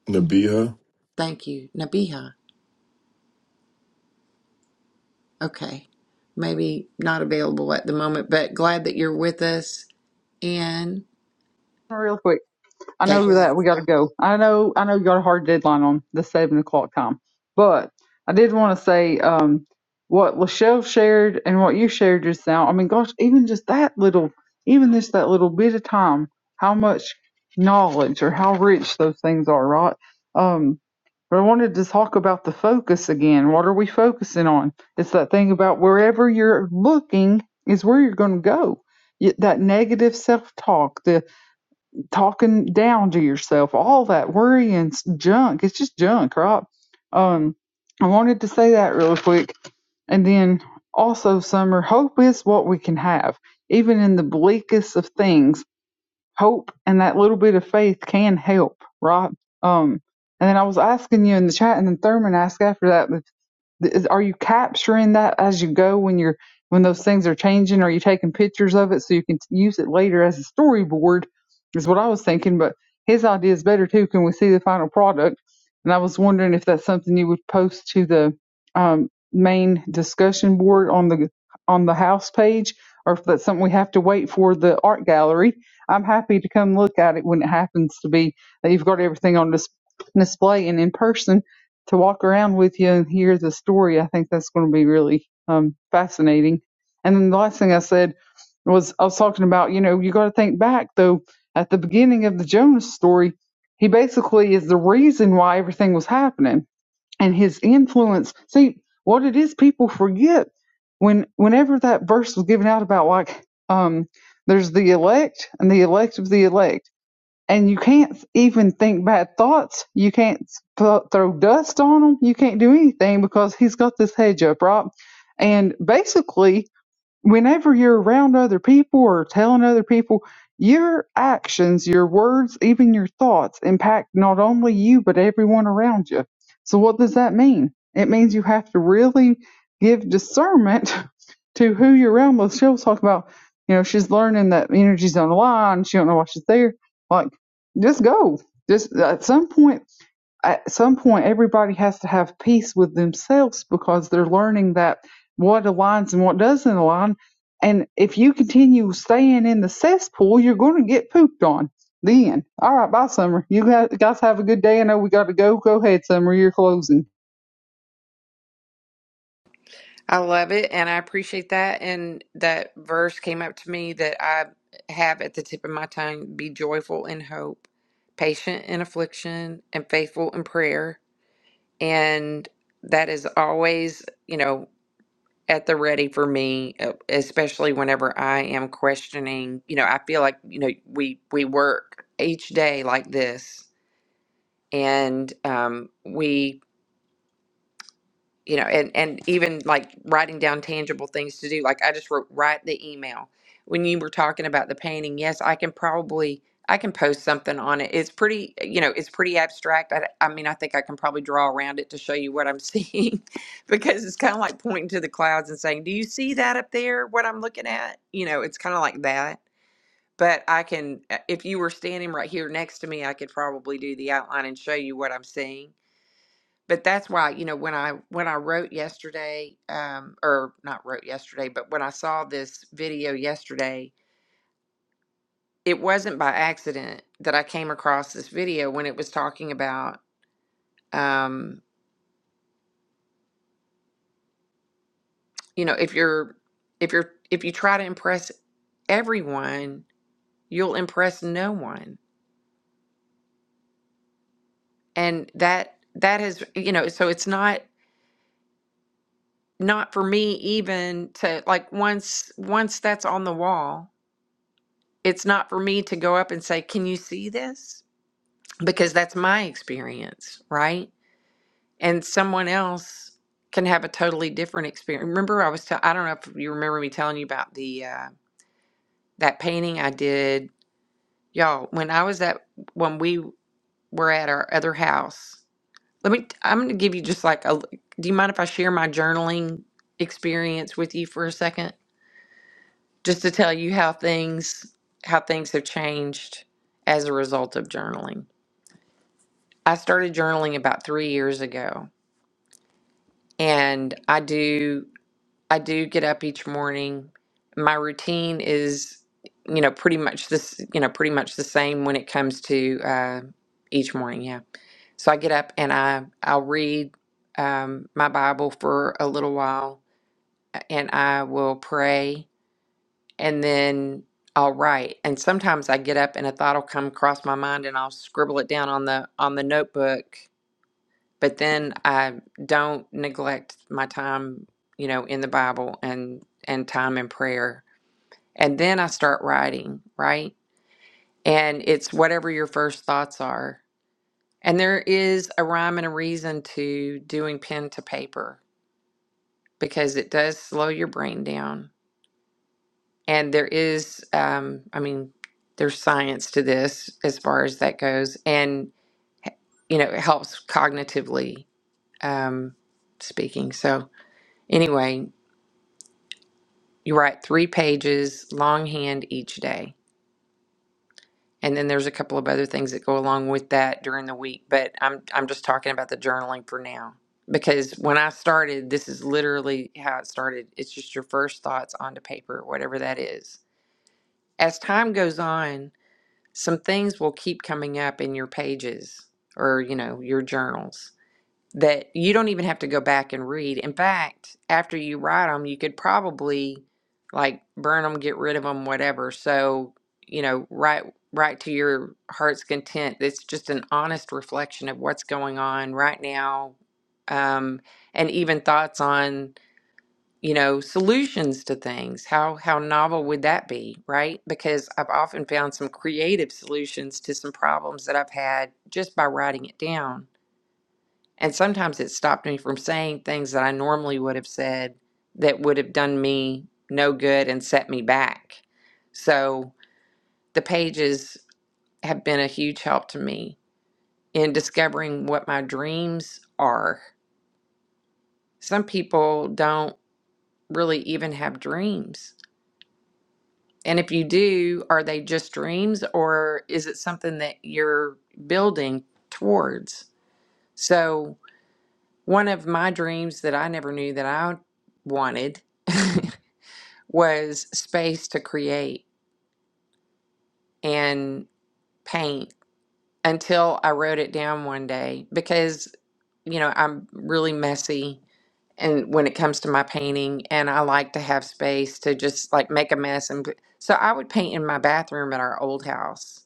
Speaker 2: Nabiha.
Speaker 1: Thank you, Nabiha. Okay. Maybe not available at the moment, but glad that you're with us. And
Speaker 3: Real quick. I
Speaker 1: okay, go
Speaker 3: know
Speaker 1: ahead.
Speaker 3: that we got to go. I know, I know you got a hard deadline on the seven o'clock time, but I did want to say um, what Lachelle shared and what you shared just now. I mean, gosh, even just that little, even just that little bit of time, how much knowledge or how rich those things are, right? Um, but I wanted to talk about the focus again. What are we focusing on? It's that thing about wherever you're looking is where you're going to go. Y- That negative self talk, The talking down to yourself, all that worrying junk. It's just junk, right? Um, I wanted to say that real quick. And then also, Summer, hope is what we can have. Even in the bleakest of things, hope and that little bit of faith can help, right? Um, and then I was asking you in the chat, and then Thurman asked after that is- Are you capturing that as you go when you're when those things are changing? Are you taking pictures of it so you can use it later as a storyboard? Is what I was thinking, but his idea is better too. Can we see the final product? And I was wondering if that's something you would post to the um, main discussion board on the on the house page, or if that's something we have to wait for the art gallery. I'm happy to come look at it when it happens to be that you've got everything on dis- display and in person to walk around with you and hear the story. I think that's going to be really um, fascinating. And then the last thing I said was I was talking about, you know, you got to think back though at the beginning of the Jonas story, he basically is the reason why everything was happening and his influence. See, what it is people forget when whenever that verse was given out about like um there's the elect and the elect of the elect and you can't even think bad thoughts. You can't th- throw dust on him. You can't do anything because he's got this hedge up, right? And basically, whenever you're around other people or telling other people, your actions, your words, even your thoughts impact not only you, but everyone around you. So, what does that mean? It means you have to really give discernment to who you're around with. She'll talk about, you know, she's learning that energy's on the line. She don't know why she's there. Like, just go. Just at some point, at some point everybody has to have peace with themselves because they're learning that what aligns and what doesn't align and if you continue staying in the cesspool you're going to get pooped on then all right bye summer you guys have a good day i know we got to go go ahead summer you're closing
Speaker 1: I love it and I appreciate that. And that verse came up to me that I have at the tip of my tongue be joyful in hope, patient in affliction, and faithful in prayer. And that is always, you know, at the ready for me, uh, especially whenever I am questioning. You know, I feel like, you know, we we work each day like this and um, we you know and and even like writing down tangible things to do like i just wrote write the email when you were talking about the painting yes i can probably i can post something on it it's pretty you know it's pretty abstract i, I mean i think i can probably draw around it to show you what i'm seeing because it's kind of like pointing to the clouds and saying do you see that up there what i'm looking at you know it's kind of like that but i can if you were standing right here next to me i could probably do the outline and show you what i'm seeing but that's why you know when i when i wrote yesterday um or not wrote yesterday but when i saw this video yesterday it wasn't by accident that i came across this video when it was talking about um you know if you're if you're if you try to impress everyone you'll impress no one and that that is you know so it's not not for me even to like once once that's on the wall it's not for me to go up and say, Can you see this? because that's my experience, right? And someone else can have a totally different experience. Remember, I was tell I don't know if you remember me telling you about the uh, that painting I did, y'all. When I was at when we were at our other house, let me. I'm going to give you just like a. Do you mind if I share my journaling experience with you for a second, just to tell you how things how things have changed as a result of journaling? I started journaling about three years ago and I do I do get up each morning. My routine is you know pretty much this you know pretty much the same when it comes to uh, each morning. Yeah, so I get up and I I'll read um, my Bible for a little while, and I will pray, and then I'll write. And sometimes I get up and a thought will come across my mind, and I'll scribble it down on the on the notebook but then I don't neglect my time, you know, in the Bible and and time in prayer. And then I start writing, right? And it's whatever your first thoughts are. And there is a rhyme and a reason to doing pen to paper because it does slow your brain down. And there is, um, I mean, there's science to this as far as that goes. And, you know, it helps cognitively um, speaking. So, anyway, You write three pages longhand each day. And then there's a couple of other things that go along with that during the week, but I'm I'm just talking about the journaling for now. Because when I started, this is literally how it started. It's just your first thoughts onto paper, whatever that is. As time goes on, some things will keep coming up in your pages or, you know, your journals that you don't even have to go back and read. In fact, after you write them, you could probably like burn them, get rid of them, whatever. So, you know, write write to your heart's content. It's just an honest reflection of what's going on right now, um, and even thoughts on you know solutions to things. How how novel would that be, right? Because I've often found some creative solutions to some problems that I've had just by writing it down. And sometimes it stopped me from saying things that I normally would have said that would have done me no good and set me back. So the pages have been a huge help to me in discovering what my dreams are. Some people don't really even have dreams. And if you do, are they just dreams or is it something that you're building towards? So, one of my dreams that I never knew that I wanted was space to create and paint until I wrote it down one day because, you know, I'm really messy and when it comes to my painting and I like to have space to just like make a mess and so I would paint in my bathroom at our old house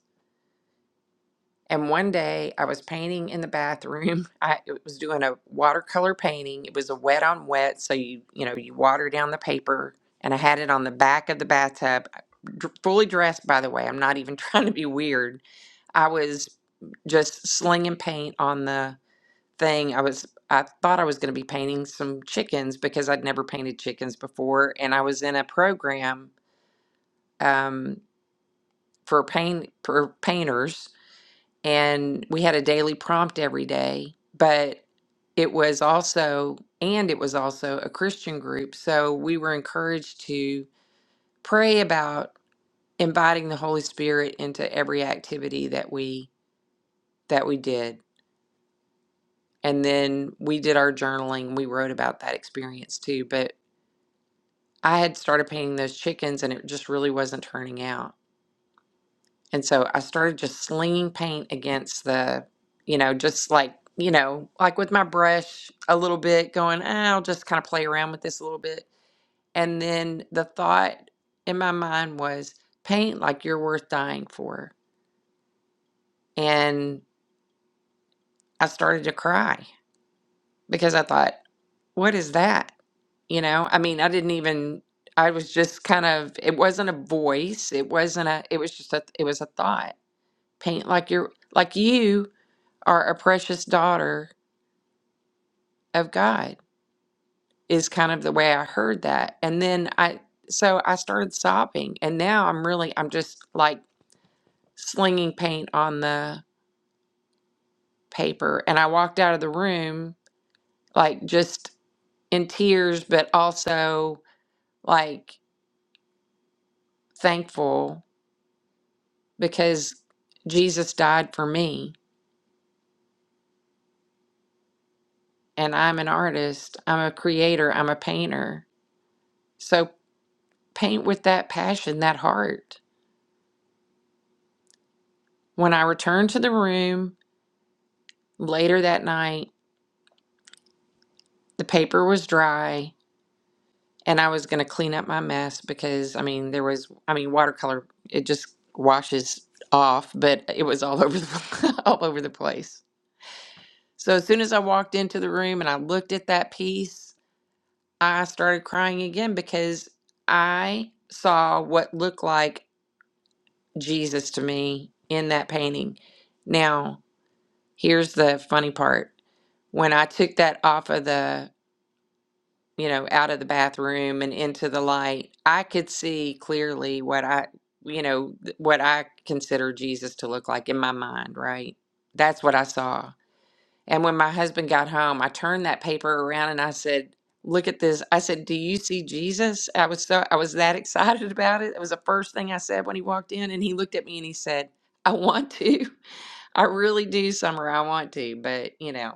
Speaker 1: And one day I was painting in the bathroom. I was doing a watercolor painting. It was a wet on wet, so you you know you water down the paper. And I had it on the back of the bathtub, dr- fully dressed. By the way, I'm not even trying to be weird. I was just slinging paint on the thing. I was I thought I was going to be painting some chickens because I'd never painted chickens before, and I was in a program um, for paint for painters and we had a daily prompt every day but it was also and it was also a christian group so we were encouraged to pray about inviting the holy spirit into every activity that we that we did and then we did our journaling we wrote about that experience too but i had started painting those chickens and it just really wasn't turning out And so I started just slinging paint against the, you know, just like, you know, like with my brush a little bit, going, "Ah, I'll just kind of play around with this a little bit. And then the thought in my mind was, paint like you're worth dying for. And I started to cry because I thought, what is that? You know, I mean, I didn't even, I was just kind of, it wasn't a voice. It wasn't a, it was just a, it was a thought. Paint like you're, like you are a precious daughter of God is kind of the way I heard that. And then I, so I started sobbing and now I'm really, I'm just like slinging paint on the paper. And I walked out of the room like just in tears, but also like thankful because Jesus died for me and I'm an artist, I'm a creator, I'm a painter. So paint with that passion, that heart. When I returned to the room later that night, the paper was dry and I was going to clean up my mess because I mean there was I mean watercolor it just washes off but it was all over the all over the place. So as soon as I walked into the room and I looked at that piece, I started crying again because I saw what looked like Jesus to me in that painting. Now, here's the funny part. When I took that off of the you know, out of the bathroom and into the light, I could see clearly what I, you know, th- what I consider Jesus to look like in my mind, right? That's what I saw. And when my husband got home, I turned that paper around and I said, "Look at this." I said, "Do you see Jesus?" I was so I was that excited about it. It was the first thing I said when he walked in and he looked at me and he said, "I want to. I really do, Summer. I want to, but, you know,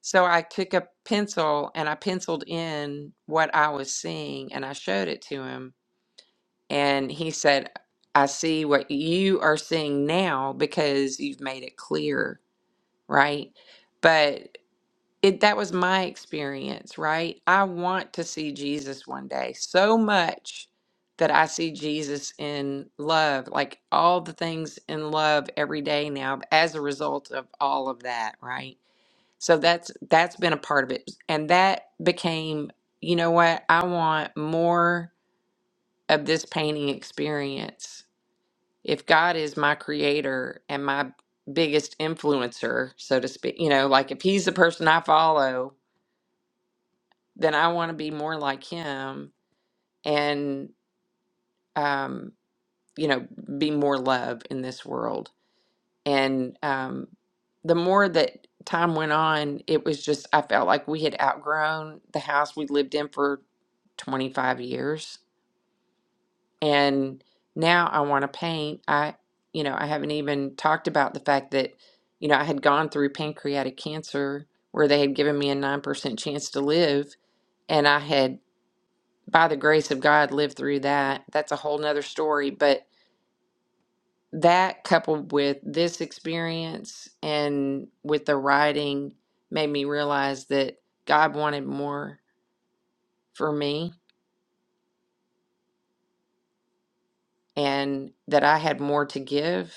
Speaker 1: so I took a pencil and I penciled in what I was seeing and I showed it to him. And he said, I see what you are seeing now because you've made it clear, right? But it, that was my experience, right? I want to see Jesus one day so much that I see Jesus in love, like all the things in love every day now as a result of all of that, right? So that's that's been a part of it. And that became, you know what, I want more of this painting experience. If God is my creator and my biggest influencer, so to speak, you know, like if he's the person I follow, then I want to be more like him and um, you know, be more love in this world And um, the more that time went on, it was just, I felt like we had outgrown the house we lived in for 25 years. And now I want to paint. I, you know, I haven't even talked about the fact that, you know, I had gone through pancreatic cancer where they had given me a 9% chance to live. And I had, by the grace of God, lived through that. That's a whole nother story. But that coupled with this experience and with the writing made me realize that God wanted more for me and that I had more to give.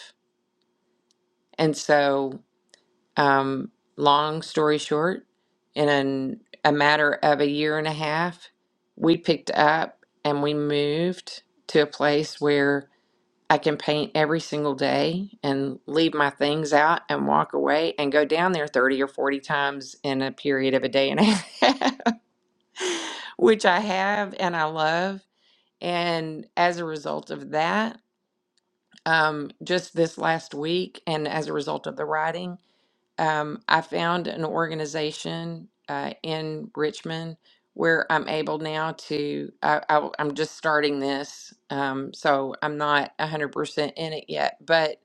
Speaker 1: And so, um, long story short, in an, a matter of a year and a half, we picked up and we moved to a place where I can paint every single day and leave my things out and walk away and go down there 30 or 40 times in a period of a day and a half, which I have and I love. And as a result of that, um, just this last week, and as a result of the writing, um, I found an organization uh, in Richmond where I'm able now to. I, I, am just starting this, um, so I'm not 100% in it yet, but it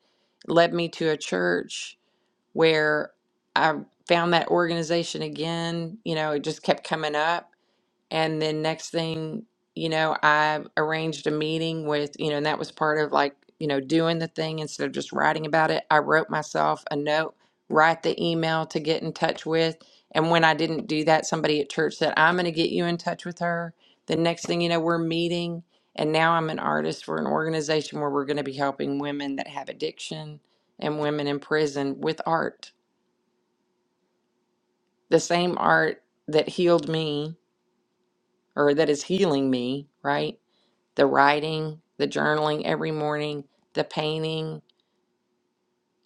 Speaker 1: led me to a church where I found that organization again. You know, it just kept coming up. And then next thing, you know, I arranged a meeting with, you know, and that was part of like, you know, doing the thing instead of just writing about it. I wrote myself a note, write the email to get in touch with. And when I didn't do that, somebody at church said, I'm going to get you in touch with her. The next thing you know, we're meeting. And now I'm an artist for an organization where we're going to be helping women that have addiction and women in prison with art. The same art that healed me or that is healing me, right? the writing, the journaling every morning, the painting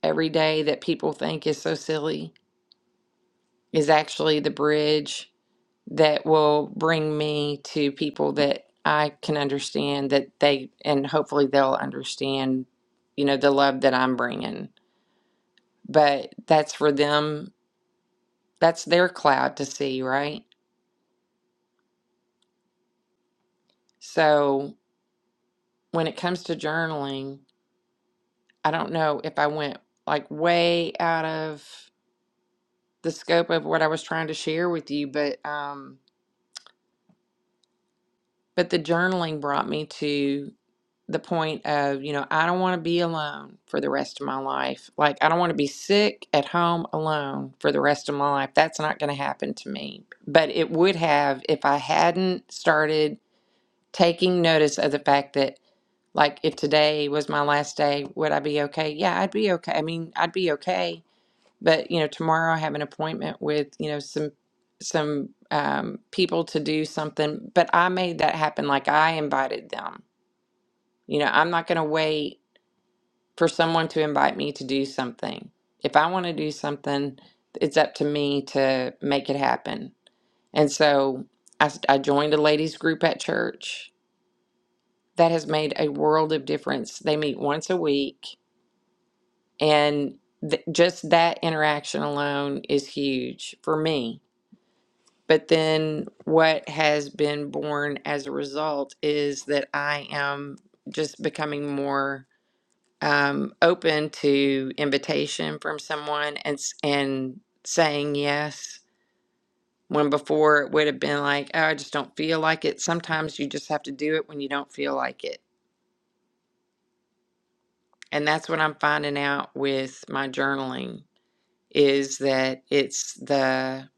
Speaker 1: every day that people think is so silly is actually the bridge that will bring me to people that I can understand that they, and hopefully they'll understand, you know, the love that I'm bringing. But that's for them, that's their cloud to see, right? So when it comes to journaling, I don't know if I went like way out of the scope of what I was trying to share with you, but um, but the journaling brought me to the point of you know I don't want to be alone for the rest of my life. Like I don't want to be sick at home alone for the rest of my life. That's not going to happen to me. But it would have if I hadn't started taking notice of the fact that like if today was my last day, would I be okay? Yeah, I'd be okay. I mean, I'd be okay But you know, tomorrow I have an appointment with you know some some um, people to do something. But I made that happen. Like I invited them. You know, I'm not going to wait for someone to invite me to do something. If I want to do something, it's up to me to make it happen. And so I, s- I joined a ladies group at church that has made a world of difference. They meet once a week, and th- just that interaction alone is huge for me But then what has been born as a result is that I am just becoming more um, open to invitation from someone and s- and saying yes. When before it would have been like, oh, I just don't feel like it. Sometimes you just have to do it when you don't feel like it. And that's what I'm finding out with my journaling is that it's the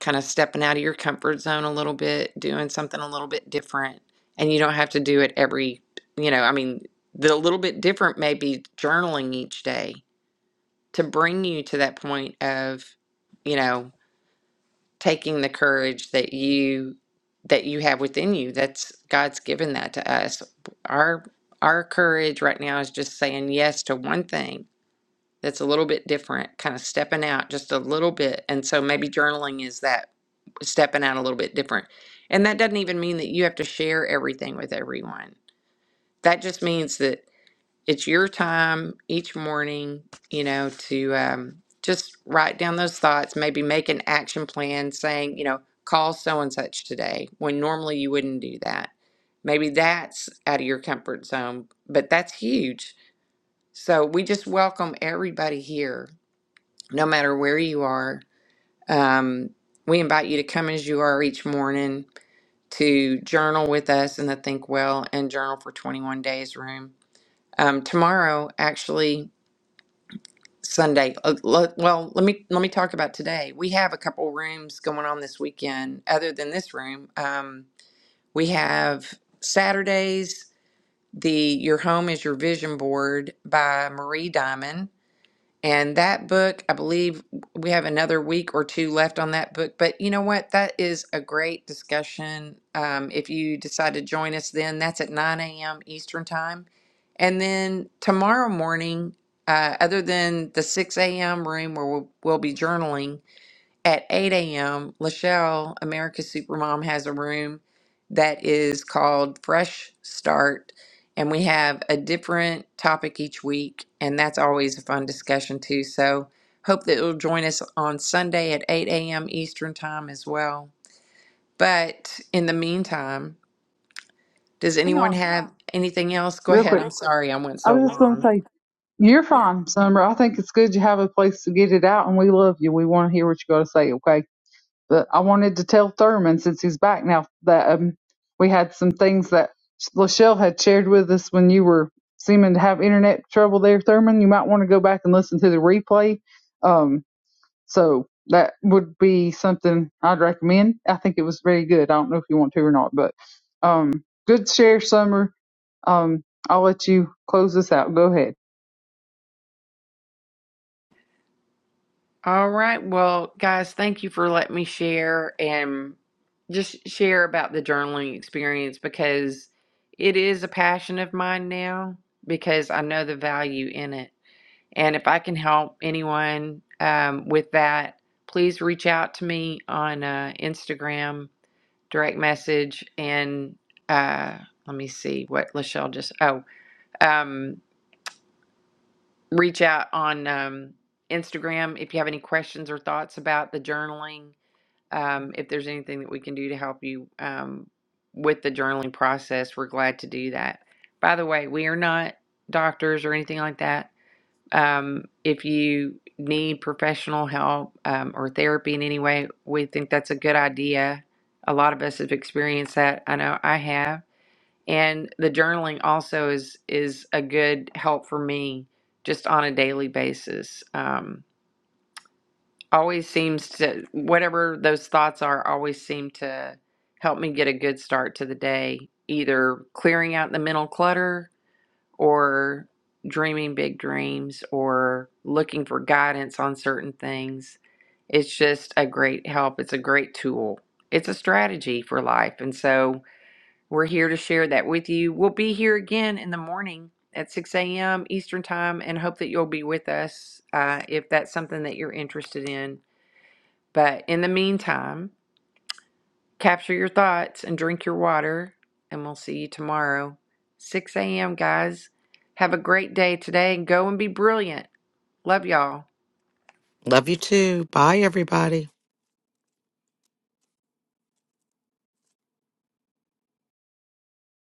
Speaker 1: kind of stepping out of your comfort zone a little bit, doing something a little bit different. And you don't have to do it every, you know, I mean, the little bit different may be journaling each day to bring you to that point of, you know, taking the courage that you that you have within you. That's God's given that to us. Our our courage right now is just saying yes to one thing that's a little bit different, kind of stepping out just a little bit. And so maybe journaling is that stepping out a little bit different. And that doesn't even mean that you have to share everything with everyone. That just means that it's your time each morning, you know, to um, just write down those thoughts, maybe make an action plan saying, you know, call so and such today when normally you wouldn't do that. Maybe that's out of your comfort zone, but that's huge. So we just welcome everybody here no matter where you are. Um, we invite you to come as you are each morning to journal with us in the Think Well and Journal for 21 Days room. Um, tomorrow, actually, Sunday. uh, le- Well, let me let me talk about today. We have a couple rooms going on this weekend. Other than this room, um, we have Saturdays. The Your Home is Your Vision Board by Marie Diamond And that book, I believe we have another week or two left on that book. But you know what? That is a great discussion. Um, if you decide to join us, then that's at 9 a.m. Eastern Time. And then tomorrow morning, uh, other than the 6 a.m. room where we'll, we'll be journaling, at 8 a.m., Lachelle, America's Supermom, has a room that is called Fresh Start. And we have a different topic each week. And that's always a fun discussion, too. So hope that you'll join us on Sunday at 8 a.m. Eastern Time as well. But in the meantime, does
Speaker 3: hang
Speaker 1: anyone
Speaker 3: on
Speaker 1: have anything else? Go
Speaker 3: real
Speaker 1: ahead.
Speaker 3: quick
Speaker 1: I'm Real sorry I went
Speaker 3: i
Speaker 1: so
Speaker 3: was just going to
Speaker 1: long.
Speaker 3: say you're fine summer i think it's good you have a place to get it out and we love you we want to hear what you got to say okay But I wanted to tell Thurman since he's back now that um, we had some things that Lachelle had shared with us when you were seeming to have internet trouble there, Thurman. You might want to go back and listen to the replay. Um, so that would be something I'd recommend. I think it was very good. I don't know if you want to or not, but um, good share, Summer. Um, I'll let you close this out. Go ahead.
Speaker 1: All right. Well, guys, thank you for letting me share and just share about the journaling experience because it is a passion of mine now because I know the value in it. And if I can help anyone um, with that, please reach out to me on uh, Instagram, direct message, and uh, let me see what Lachelle just, oh, um, reach out on um, Instagram if you have any questions or thoughts about the journaling um, if there's anything that we can do to help you um, with the journaling process, we're glad to do that. By the way, we are not doctors or anything like that. Um, if you need professional help um, or therapy in any way, we think that's a good idea. A lot of us have experienced that. I know I have. And the journaling also is is a good help for me just on a daily basis. Um, always seems to whatever those thoughts are always seem to help me get a good start to the day either clearing out the mental clutter or dreaming big dreams or looking for guidance on certain things it's just a great help it's a great tool it's a strategy for life and so we're here to share that with you we'll be here again in the morning at 6 a.m eastern time and hope that you'll be with us uh, if that's something that you're interested in but in the meantime, capture your thoughts and drink your water, and we'll see you tomorrow, 6 a.m., guys. Have a great day today and go and be brilliant. Love y'all.
Speaker 4: Love you too. Bye, everybody.